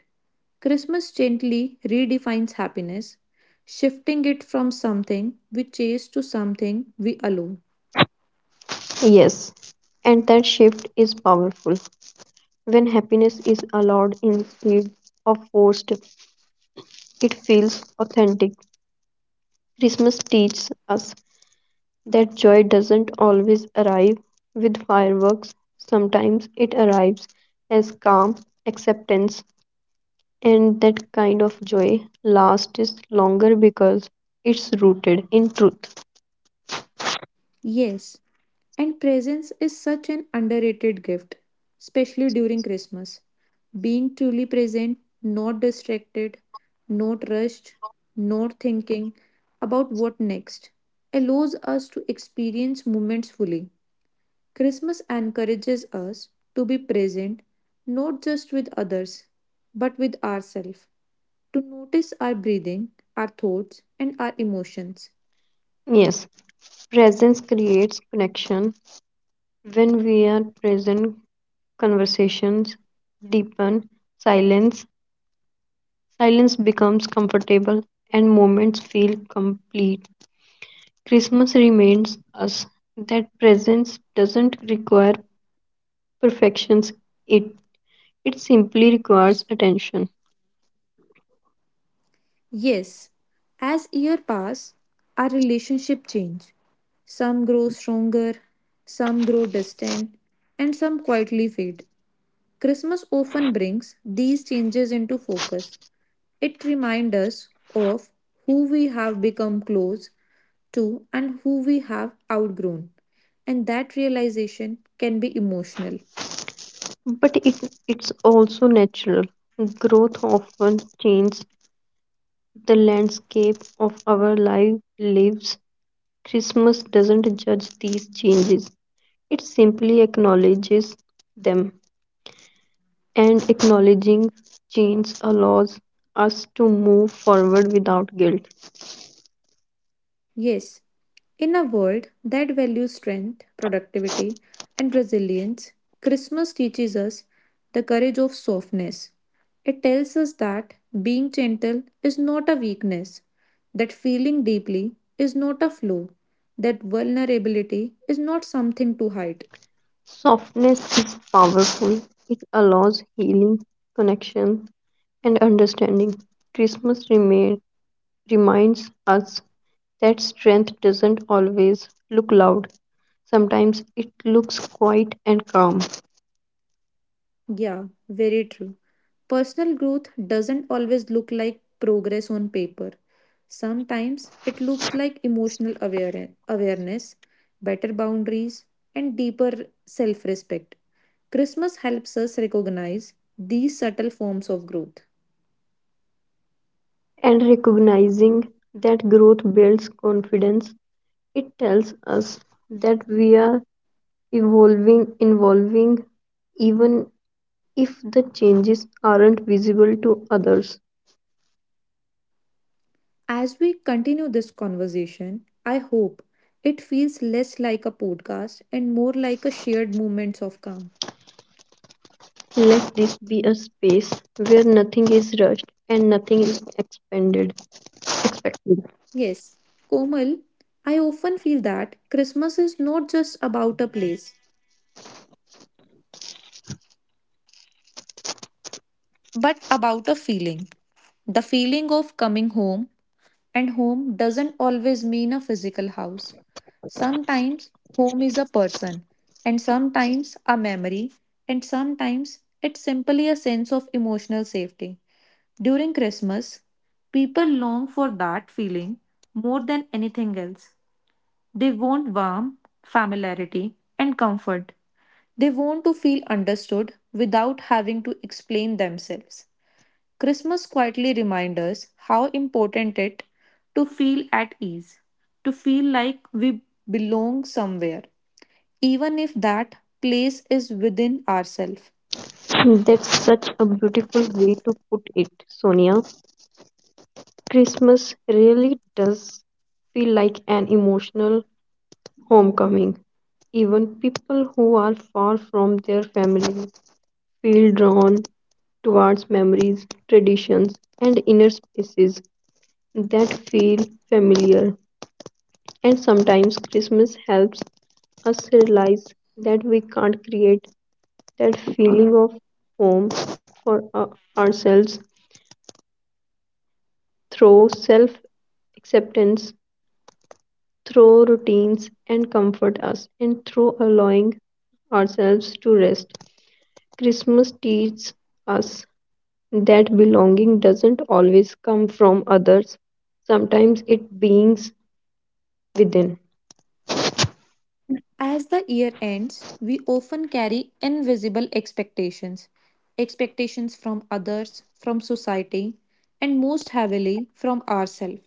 [SPEAKER 1] Christmas gently redefines happiness, shifting it from something we chase to something we allow.
[SPEAKER 2] Yes, and that shift is powerful. When happiness is allowed instead of forced, it feels authentic. Christmas teaches us that joy doesn't always arrive with fireworks. Sometimes it arrives as calm acceptance, and that kind of joy lasts longer because it's rooted in truth.
[SPEAKER 1] Yes, and presence is such an underrated gift, especially during Christmas. Being truly present, not distracted, not rushed, not thinking about what next, allows us to experience moments fully. Christmas encourages us to be present, not just with others, but with ourselves, to notice our breathing, our thoughts, and our emotions.
[SPEAKER 2] Yes, presence creates connection. When we are present, conversations deepen, silence silence becomes comfortable, and moments feel complete. Christmas reminds us that presence doesn't require perfections. It it simply requires attention.
[SPEAKER 1] Yes, as years pass, our relationship change. Some grow stronger, some grow distant, and some quietly fade. Christmas often brings these changes into focus. It reminds us of who we have become close to and who we have outgrown. And that realization can be emotional.
[SPEAKER 2] But it's also natural. Growth often changes the landscape of our life lives. Christmas doesn't judge these changes. It simply acknowledges them. And acknowledging change allows us to move forward without guilt.
[SPEAKER 1] Yes, in a world that values strength, productivity, and resilience, Christmas teaches us the courage of softness. It tells us that being gentle is not a weakness, that feeling deeply is not a flaw, that vulnerability is not something to hide.
[SPEAKER 2] Softness is powerful, it allows healing, connection, and understanding. Christmas remain, reminds us that strength doesn't always look loud, sometimes it looks quiet and calm.
[SPEAKER 1] Yeah, very true. Personal growth doesn't always look like progress on paper. Sometimes it looks like emotional awareness, better boundaries, and deeper self respect. Christmas helps us recognize these subtle forms of growth.
[SPEAKER 2] And recognizing that growth builds confidence, it tells us that we are evolving even if the changes aren't visible to others.
[SPEAKER 1] As we continue this conversation, I hope it feels less like a podcast and more like a shared moment of calm.
[SPEAKER 2] Let this be a space where nothing is rushed and nothing is expected.
[SPEAKER 1] Yes, Komal, I often feel that Christmas is not just about a place, but about a feeling. The feeling of coming home, and home doesn't always mean a physical house. Sometimes home is a person, and sometimes a memory, and sometimes it's simply a sense of emotional safety. During Christmas, people long for that feeling more than anything else. They want warmth, familiarity, and comfort. They want to feel understood without having to explain themselves. Christmas quietly reminds us how important it to feel at ease, to feel like we belong somewhere, even if that place is within ourselves.
[SPEAKER 2] That's such a beautiful way to put it, Sonia. Christmas really does feel like an emotional homecoming. Even people who are far from their families feel drawn towards memories, traditions, and inner spaces that feel familiar. And sometimes Christmas helps us realize that we can't create that feeling of home for ourselves through self acceptance, through routines and comfort us, and through allowing ourselves to rest. Christmas teaches us that belonging doesn't always come from others, sometimes it beings within.
[SPEAKER 1] As the year ends, we often carry invisible expectations expectations from others, from society, and most heavily from ourselves.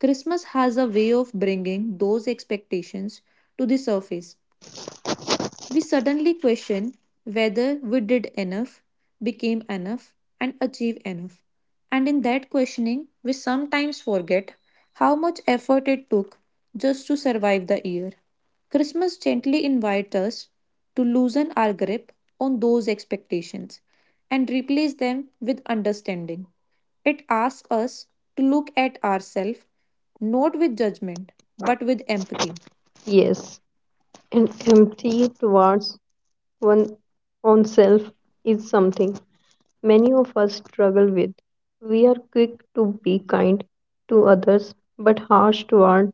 [SPEAKER 1] Christmas has a way of bringing those expectations to the surface. We suddenly question whether we did enough, became enough, and achieved enough. And in that questioning, we sometimes forget how much effort it took just to survive the year. Christmas gently invites us to loosen our grip on those expectations and replace them with understanding. It asks us to look at ourselves not with judgment but with empathy.
[SPEAKER 2] Yes, and empty towards one own self is something many of us struggle with. We are quick to be kind to others but harsh towards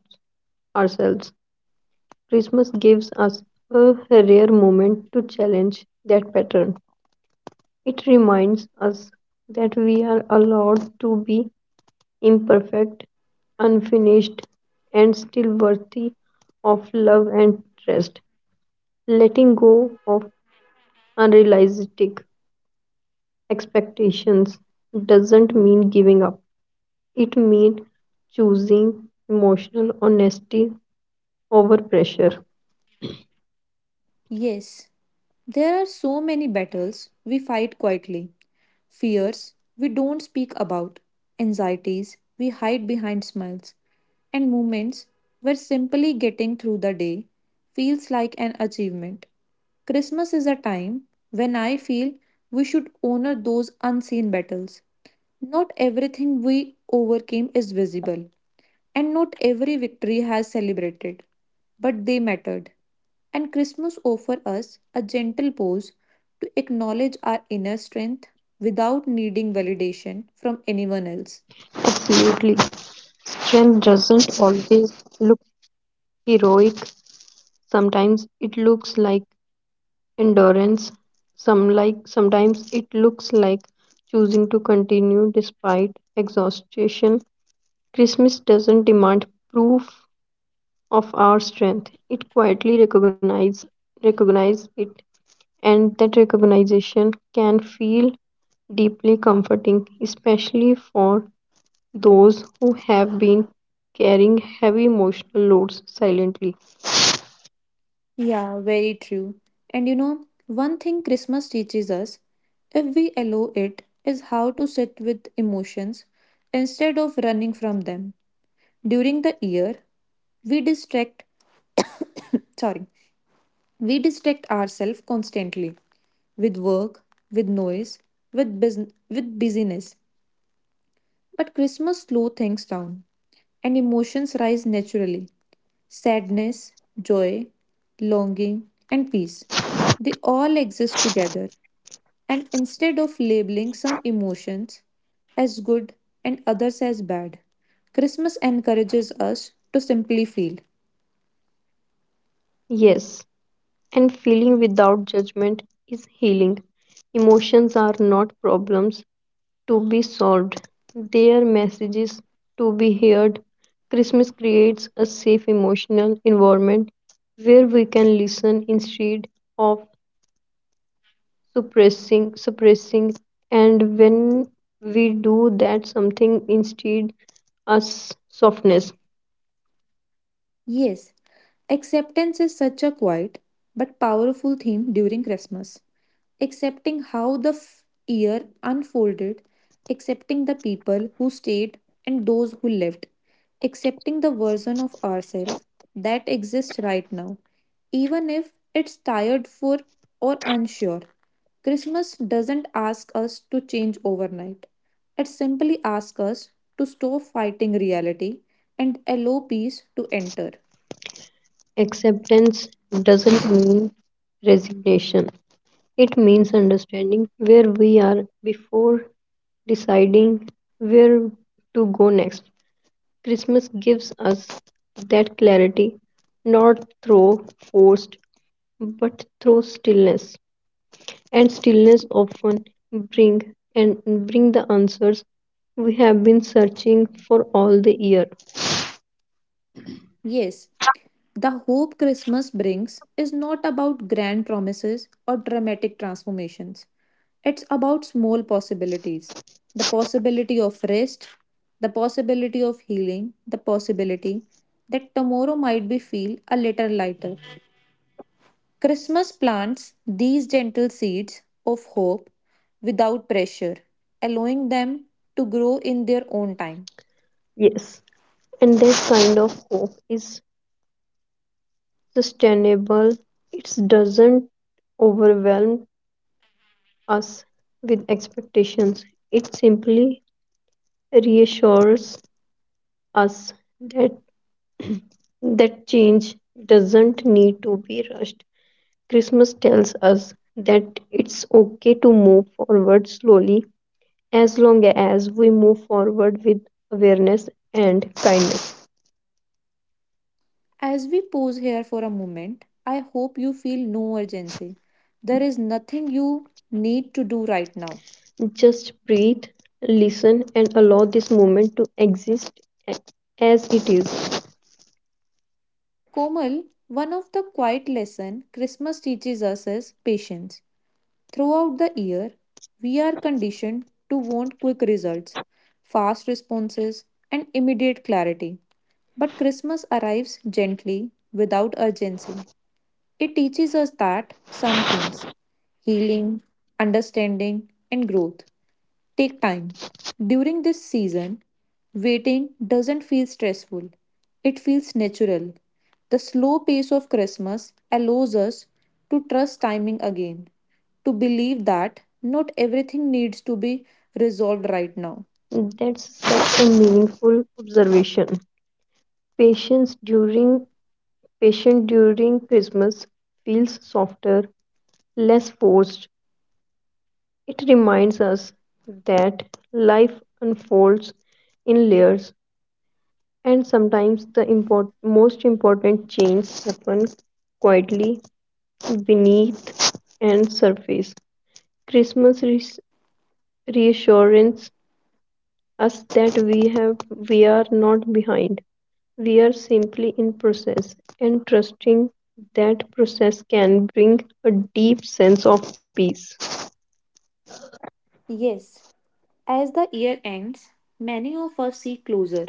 [SPEAKER 2] ourselves. Christmas gives us a rare moment to challenge that pattern. It reminds us that we are allowed to be imperfect, unfinished, and still worthy of love and trust. Letting go of unrealistic expectations doesn't mean giving up. It means choosing emotional honesty over pressure.
[SPEAKER 1] Yes, there are so many battles we fight quietly, fears we don't speak about, anxieties we hide behind smiles, and moments where simply getting through the day feels like an achievement. Christmas is a time when I feel we should honor those unseen battles. Not everything we overcame is visible, and not every victory has celebrated, but they mattered. And Christmas offers us a gentle pause to acknowledge our inner strength without needing validation from anyone else.
[SPEAKER 2] Absolutely. Strength doesn't always look heroic. Sometimes it looks like endurance. Sometimes it looks like choosing to continue despite exhaustion. Christmas doesn't demand proof of our strength. It quietly recognize it, and that recognition can feel deeply comforting, especially for those who have been carrying heavy emotional loads silently.
[SPEAKER 1] Yeah, very true. And you know, one thing Christmas teaches us, if we allow it, is how to sit with emotions instead of running from them. During the year, we distract sorry we distract ourselves constantly with work with noise with bus- with busyness. But Christmas slows things down, and emotions rise naturally sadness, joy, longing, and peace. They all exist together, and instead of labeling some emotions as good and others as bad, Christmas encourages us to simply feel.
[SPEAKER 2] Yes, and feeling without judgment is healing. Emotions are not problems to be solved, they are messages to be heard. Christmas creates a safe emotional environment where we can listen instead of suppressing. And when we do that something instead us softness
[SPEAKER 1] Yes, acceptance is such a quiet but powerful theme during Christmas. Accepting how the year unfolded, accepting the people who stayed and those who left, accepting the version of ourselves that exists right now, even if it's tired for or unsure. Christmas doesn't ask us to change overnight. It simply asks us to stop fighting reality and allow peace to enter.
[SPEAKER 2] acceptance doesn't mean resignation, it means understanding where we are before deciding where to go next. Christmas gives us that clarity not through forced but through stillness, and stillness often bring and bring the answers we have been searching for all the year.
[SPEAKER 1] Yes, the hope Christmas brings is not about grand promises or dramatic transformations. It's about small possibilities, the possibility of rest, the possibility of healing, the possibility that tomorrow might be feel a little lighter. Christmas plants these gentle seeds of hope without pressure, allowing them to grow in their own time.
[SPEAKER 2] Yes, and that kind of hope is sustainable. It doesn't overwhelm us with expectations. It simply reassures us that that change doesn't need to be rushed. Christmas tells us that it's okay to move forward slowly as long as we move forward with awareness and kindness.
[SPEAKER 1] As we pause here for a moment, I hope you feel no urgency. There is nothing you need to do right now.
[SPEAKER 2] Just breathe, listen, and allow this moment to exist a- as it is.
[SPEAKER 1] Komal, one of the quiet lessons Christmas teaches us is patience. Throughout the year, we are conditioned to want quick results, fast responses, and immediate clarity. But Christmas arrives gently, without urgency. It teaches us that some things, healing, understanding, and growth take time. During this season, waiting doesn't feel stressful, it feels natural. The slow pace of Christmas allows us to trust timing again, to believe that not everything needs to be resolved right now.
[SPEAKER 2] That's such a meaningful observation. Patience during Patient during Christmas feels softer, less forced. It reminds us that life unfolds in layers. And sometimes the most important change happen quietly beneath and surface. Christmas reas- reassurance us that we are not behind. We are simply in process and trusting that process can bring a deep sense of peace.
[SPEAKER 1] Yes, as the year ends, many of us see closure.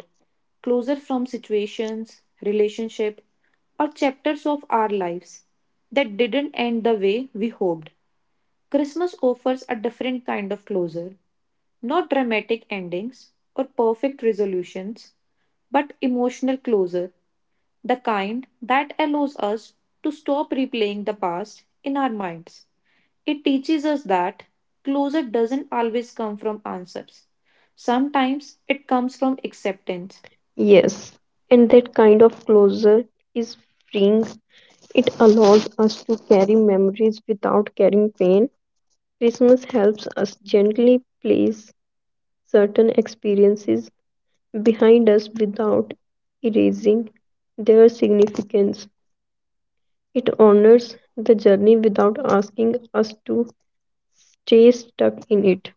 [SPEAKER 1] Closure from situations, relationship, or chapters of our lives that didn't end the way we hoped. Christmas offers a different kind of closure, not dramatic endings or perfect resolutions, but emotional closure, the kind that allows us to stop replaying the past in our minds. It teaches us that closure doesn't always come from answers. Sometimes it comes from acceptance.
[SPEAKER 2] Yes, and that kind of closure is freeing. It allows us to carry memories without carrying pain. Christmas helps us gently place certain experiences behind us without erasing their significance. It honors the journey without asking us to stay stuck in it.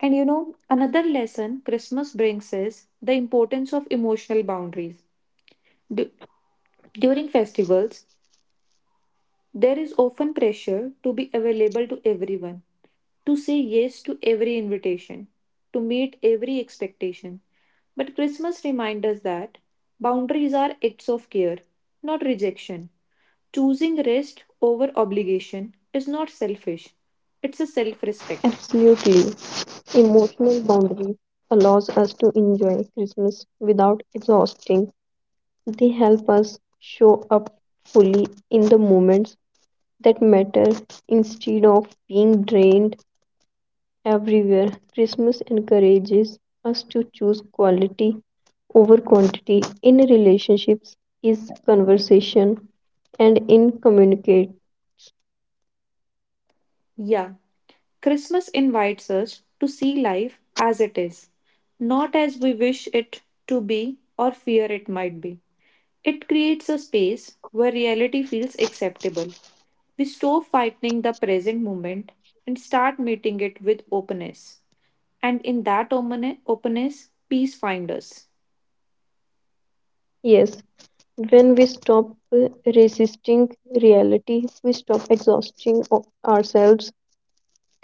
[SPEAKER 1] And you know, another lesson Christmas brings is the importance of emotional boundaries. Du- During festivals, there is often pressure to be available to everyone, to say yes to every invitation, to meet every expectation. But Christmas reminds us that boundaries are acts of care, not rejection. Choosing rest over obligation is not selfish, it's a self respect.
[SPEAKER 2] Absolutely. Emotional boundaries allows us to enjoy Christmas without exhausting. They help us show up fully in the moments that matter instead of being drained everywhere. Christmas encourages us to choose quality over quantity in relationships, is conversation, and in communicate.
[SPEAKER 1] Yeah, Christmas invites us to see life as it is, not as we wish it to be or fear it might be. It creates a space where reality feels acceptable. We stop fighting the present moment and start meeting it with openness. And in that openness, openness peace finds us.
[SPEAKER 2] Yes, when we stop resisting reality, we stop exhausting ourselves.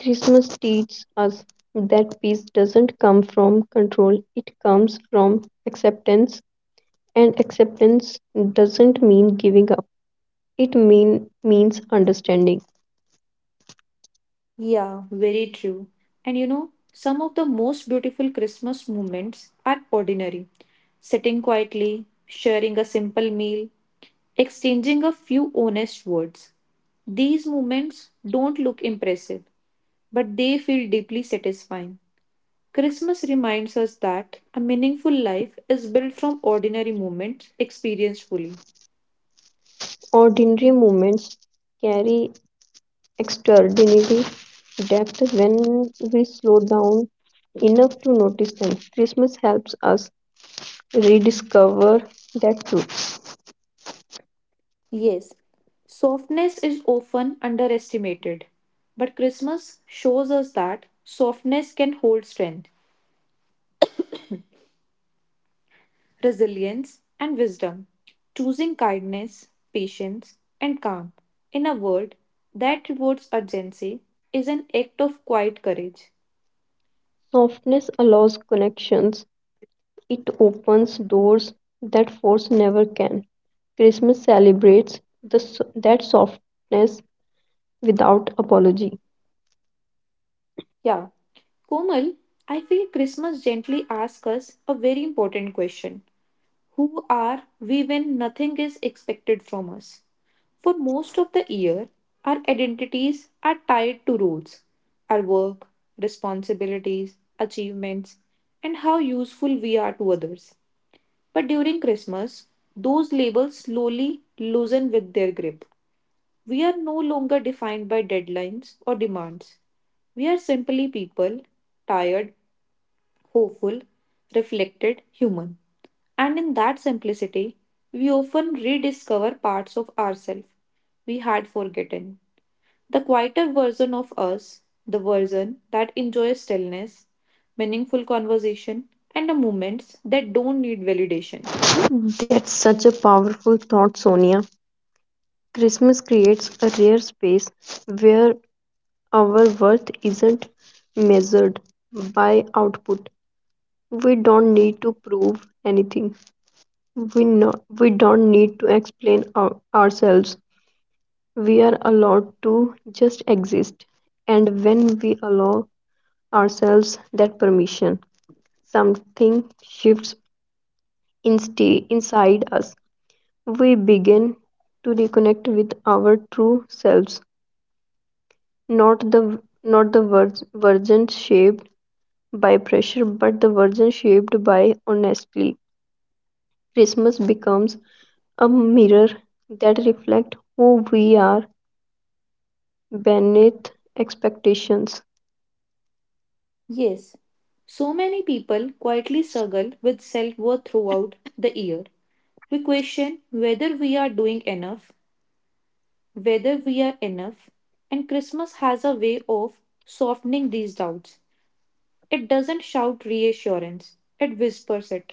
[SPEAKER 2] Christmas teaches us that peace doesn't come from control, it comes from acceptance, and acceptance doesn't mean giving up, means understanding.
[SPEAKER 1] Yeah, very true. And you know, some of the most beautiful Christmas moments are ordinary. Sitting quietly, sharing a simple meal, exchanging a few honest words. These moments don't look impressive, but they feel deeply satisfying. Christmas reminds us that a meaningful life is built from ordinary moments experienced fully.
[SPEAKER 2] Ordinary movements carry extraordinary depth when we slow down enough to notice them. Christmas helps us rediscover that truth.
[SPEAKER 1] Yes, softness is often underestimated, but Christmas shows us that softness can hold strength, resilience, and wisdom. Choosing kindness, patience, and calm in a world that rewards urgency is an act of quiet courage.
[SPEAKER 2] Softness allows connections, it opens doors that force never can. Christmas celebrates that softness without apology.
[SPEAKER 1] Yeah, Komal, I feel Christmas gently asks us a very important question. Who are we when nothing is expected from us? For most of the year, our identities are tied to roles, our work, responsibilities, achievements, and how useful we are to others. But during Christmas, those labels slowly loosen with their grip. We are no longer defined by deadlines or demands. We are simply people, tired, hopeful, reflected, human. And in that simplicity, we often rediscover parts of ourselves we had forgotten. The quieter version of us, the version that enjoys stillness, meaningful conversation, and the moments that don't need validation.
[SPEAKER 2] That's such a powerful thought, Sonia. Christmas creates a rare space where our worth isn't measured by output. We don't need to prove anything. We don't need to explain ourselves. We are allowed to just exist. And when we allow ourselves that permission, something shifts inside us. We begin to reconnect with our true selves, not the version shaped by pressure but the version shaped by honestly. Christmas becomes a mirror that reflects who we are beneath expectations.
[SPEAKER 1] Yes, so many people quietly struggle with self worth throughout the year. We question whether we are doing enough, whether we are enough, and Christmas has a way of softening these doubts. It doesn't shout reassurance, it whispers it.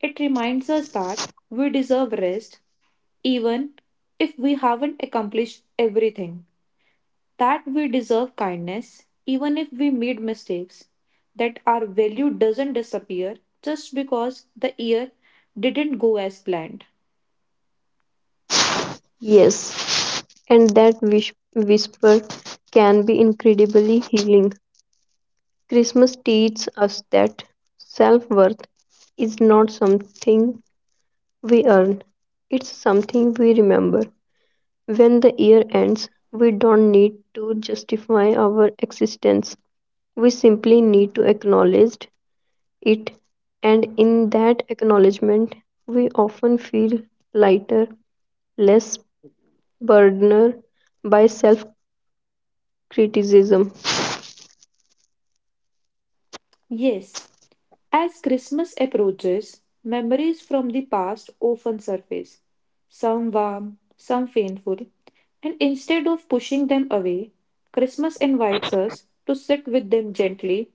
[SPEAKER 1] It reminds us that we deserve rest, even if we haven't accomplished everything, that we deserve kindness, even if we made mistakes, that our value doesn't disappear just because the year didn't go as planned.
[SPEAKER 2] Yes, and that whisper can be incredibly healing. Christmas teaches us that self worth is not something we earn, it's something we remember. When the year ends, we don't need to justify our existence. We simply need to acknowledge it, and in that acknowledgement, we often feel lighter, less burdened by self criticism.
[SPEAKER 1] Yes, as Christmas approaches, memories from the past often surface, some warm, some painful, and instead of pushing them away, Christmas invites us to sit with them gently,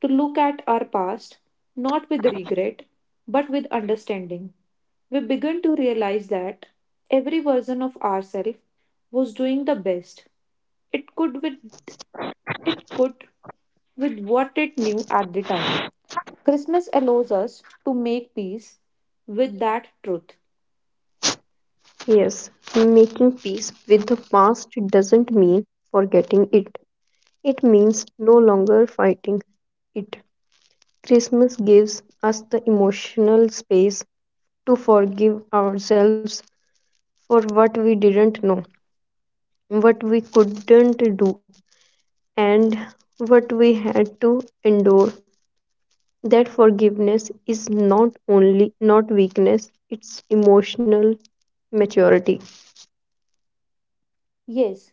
[SPEAKER 1] to look at our past, not with regret, but with understanding. We begin to realize that every version of ourselves was doing the best it could with it could with what it knew at the time. Christmas allows us to make peace with that truth.
[SPEAKER 2] Yes, making peace with the past doesn't mean forgetting it, it means no longer fighting it. Christmas gives us the emotional space to forgive ourselves for what we didn't know, what we couldn't do, and what we had to endure. That forgiveness is not only not weakness, it's emotional maturity.
[SPEAKER 1] Yes,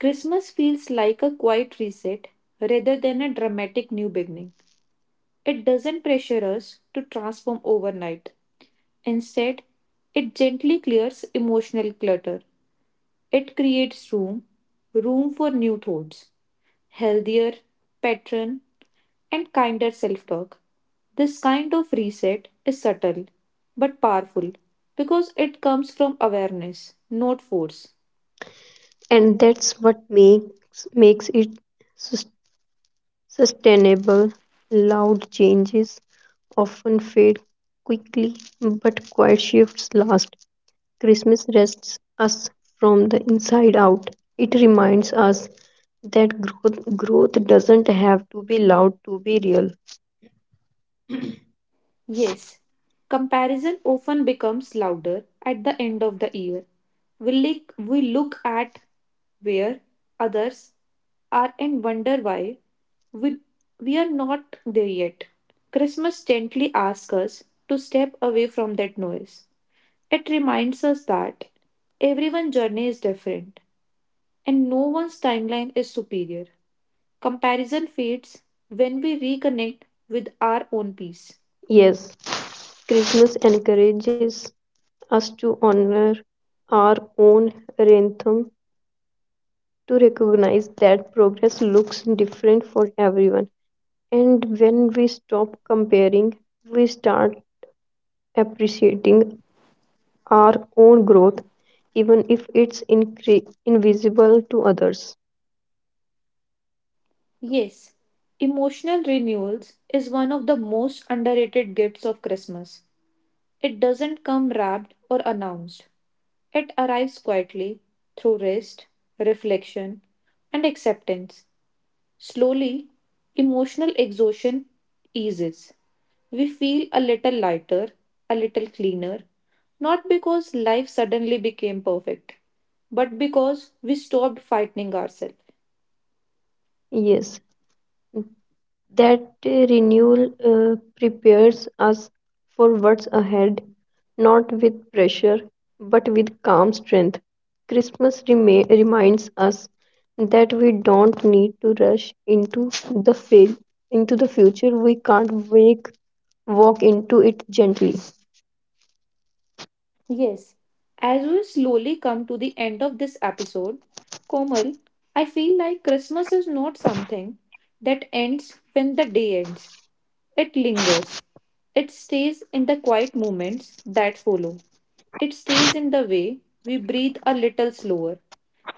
[SPEAKER 1] Christmas feels like a quiet reset rather than a dramatic new beginning. It doesn't pressure us to transform overnight. Instead, it gently clears emotional clutter. It creates room, room for new thoughts, healthier pattern and kinder self talk. This kind of reset is subtle but powerful because it comes from awareness, not force.
[SPEAKER 2] And that's what makes it sus- sustainable. Loud changes often fade quickly, but quiet shifts last. Christmas rests us from the inside out. It reminds us that growth doesn't have to be loud to be real.
[SPEAKER 1] Yes, comparison often becomes louder at the end of the year. We look at where others are and wonder why we, we are not there yet. Christmas gently asks us to step away from that noise. It reminds us that everyone's journey is different and no one's timeline is superior. Comparison fades when we reconnect with our own peace.
[SPEAKER 2] Yes, Christmas encourages us to honor our own rhythm, to recognize that progress looks different for everyone. And when we stop comparing, we start appreciating our own growth, even if it's invisible to others.
[SPEAKER 1] Yes, emotional renewals is one of the most underrated gifts of Christmas. It doesn't come wrapped or announced, it arrives quietly through rest, reflection, and acceptance. Slowly, emotional exhaustion eases. We feel a little lighter, a little cleaner, not because life suddenly became perfect, but because we stopped fighting ourselves.
[SPEAKER 2] Yes, that renewal prepares us for what's ahead, not with pressure, but with calm strength. Christmas reminds us that we don't need to rush into the fail into the future. We can't wake walk into it gently.
[SPEAKER 1] Yes, as we slowly come to the end of this episode, Komal, I feel like Christmas is not something that ends when the day ends. It lingers. It stays in the quiet moments that follow. It stays in the way we breathe a little slower,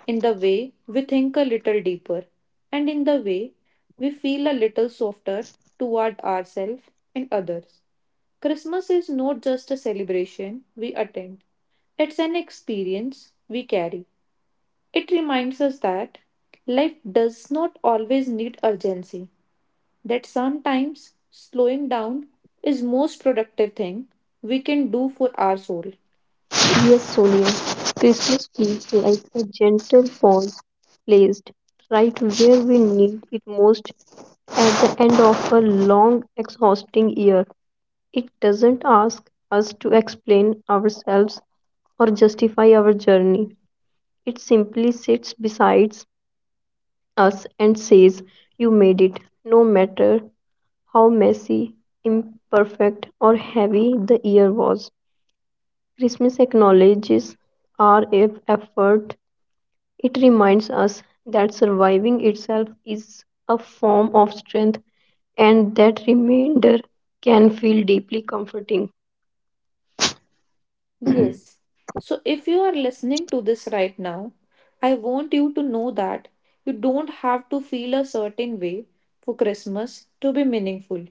[SPEAKER 1] in the way we think a little deeper, and in the way we feel a little softer toward ourselves and others. Christmas is not just a celebration we attend, it's an experience we carry. It reminds us that life does not always need urgency, that sometimes slowing down is most productive thing we can do for our soul.
[SPEAKER 2] Yes, Sonia, Christmas feels like a gentle pawn placed right where we need it most at the end of a long, exhausting year. It doesn't ask us to explain ourselves or justify our journey. It simply sits beside us and says, you made it, no matter how messy, imperfect, or heavy the year was. Christmas acknowledges our effort. It reminds us that surviving itself is a form of strength, and that remainder can feel deeply comforting.
[SPEAKER 1] Yes. So if you are listening to this right now, I want you to know that you don't have to feel a certain way for Christmas to be meaningful.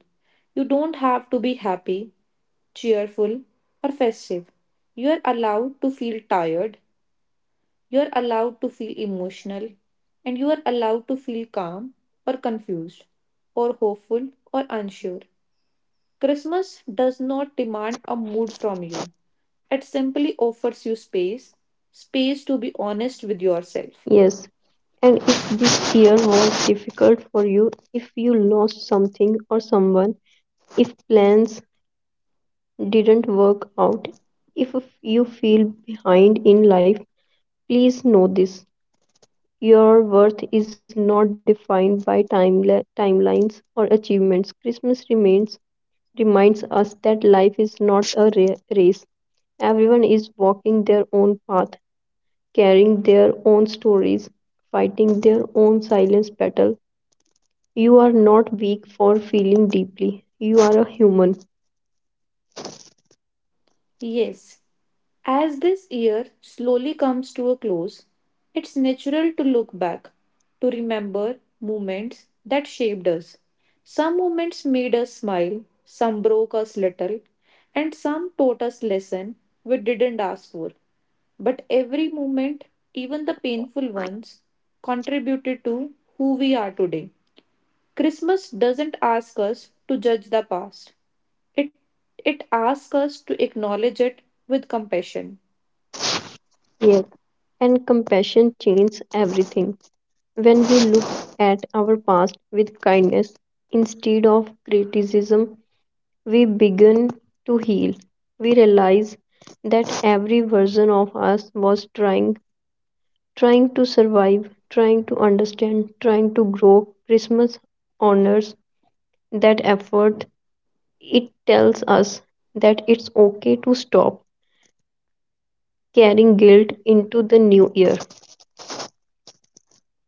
[SPEAKER 1] You don't have to be happy, cheerful, or festive. You are allowed to feel tired, you are allowed to feel emotional, and you are allowed to feel calm or confused or hopeful or unsure. Christmas does not demand a mood from you. It simply offers you space, space to be honest with yourself.
[SPEAKER 2] Yes, and if this year was difficult for you, if you lost something or someone, if plans didn't work out, if you feel behind in life, please know this. Your worth is not defined by timelines or achievements. Reminds us that life is not a race. Everyone is walking their own path, carrying their own stories, fighting their own silence battle. You are not weak for feeling deeply. You are a human.
[SPEAKER 1] Yes, as this year slowly comes to a close, it's natural to look back, to remember moments that shaped us. Some moments made us smile, some broke us little, and some taught us lesson we didn't ask for. But every moment, even the painful ones, contributed to who we are today. Christmas doesn't ask us to judge the past. It it asks us to acknowledge it with compassion.
[SPEAKER 2] Yes. And compassion changes everything. When we look at our past with kindness instead of criticism, we begin to heal. We realize that every version of us was trying, trying to survive, trying to understand, trying to grow. Christmas honors that effort. It tells us that it's okay to stop carrying guilt into the new year.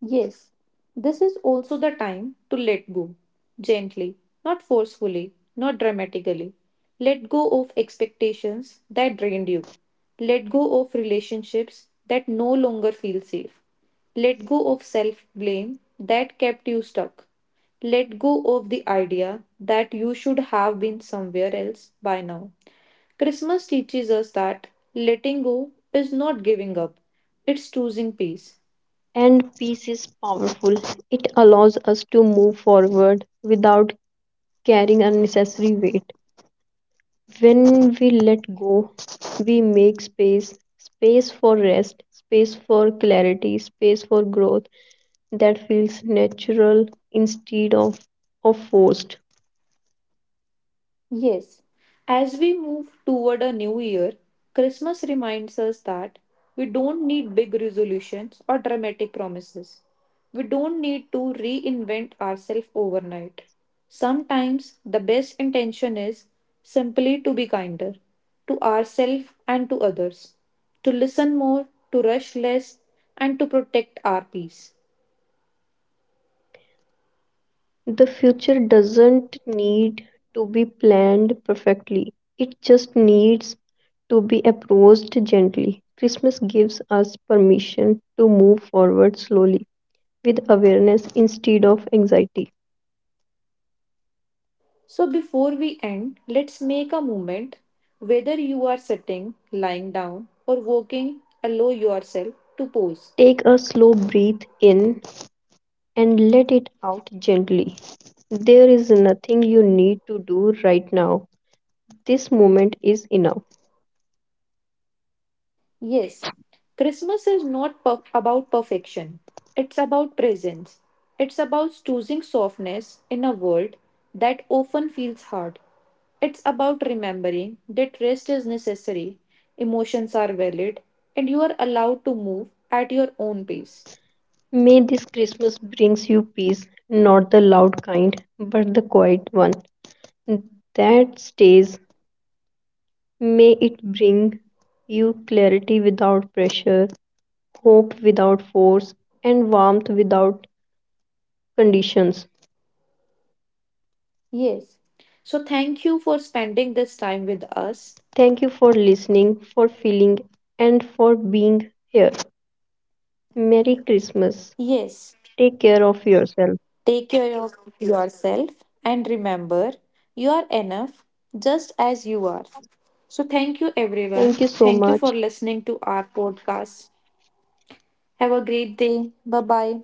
[SPEAKER 1] Yes, this is also the time to let go. Gently, not forcefully, not dramatically. Let go of expectations that drained you. Let go of relationships that no longer feel safe. Let go of self blame that kept you stuck. Let go of the idea that you should have been somewhere else by now. Christmas teaches us that letting go is not giving up, it's choosing peace.
[SPEAKER 2] And peace is powerful. It allows us to move forward without carrying unnecessary weight. When we let go, we make space for rest, space for clarity, space for growth that feels natural instead of forced.
[SPEAKER 1] Yes, as we move toward a new year, Christmas reminds us that we don't need big resolutions or dramatic promises. We don't need to reinvent ourselves overnight. Sometimes the best intention is simply to be kinder to ourselves and to others, to listen more, to rush less, and to protect our peace.
[SPEAKER 2] The future doesn't need to be planned perfectly, it just needs to be approached gently. Christmas gives us permission to move forward slowly with awareness instead of anxiety.
[SPEAKER 1] So, before we end, let's make a moment. Whether you are sitting, lying down, or walking, allow yourself to pause.
[SPEAKER 2] Take a slow breath in and let it out gently. There is nothing you need to do right now. This moment is enough.
[SPEAKER 1] Yes, Christmas is not about perfection, it's about presence. It's about choosing softness in a world that often feels hard. It's about remembering that rest is necessary, emotions are valid, and you are allowed to move at your own pace.
[SPEAKER 2] May this Christmas brings you peace, not the loud kind, but the quiet one that stays. May it bring you clarity without pressure, hope without force, and warmth without conditions.
[SPEAKER 1] Yes. So thank you for spending this time with us.
[SPEAKER 2] Thank you for listening, for feeling, and for being here. Merry Christmas.
[SPEAKER 1] Yes.
[SPEAKER 2] Take care of yourself.
[SPEAKER 1] Take care of yourself and remember you are enough just as you are. So thank you everyone.
[SPEAKER 2] Thank you so
[SPEAKER 1] Thank you for
[SPEAKER 2] much.
[SPEAKER 1] listening to our podcast. Have a great day. Bye bye.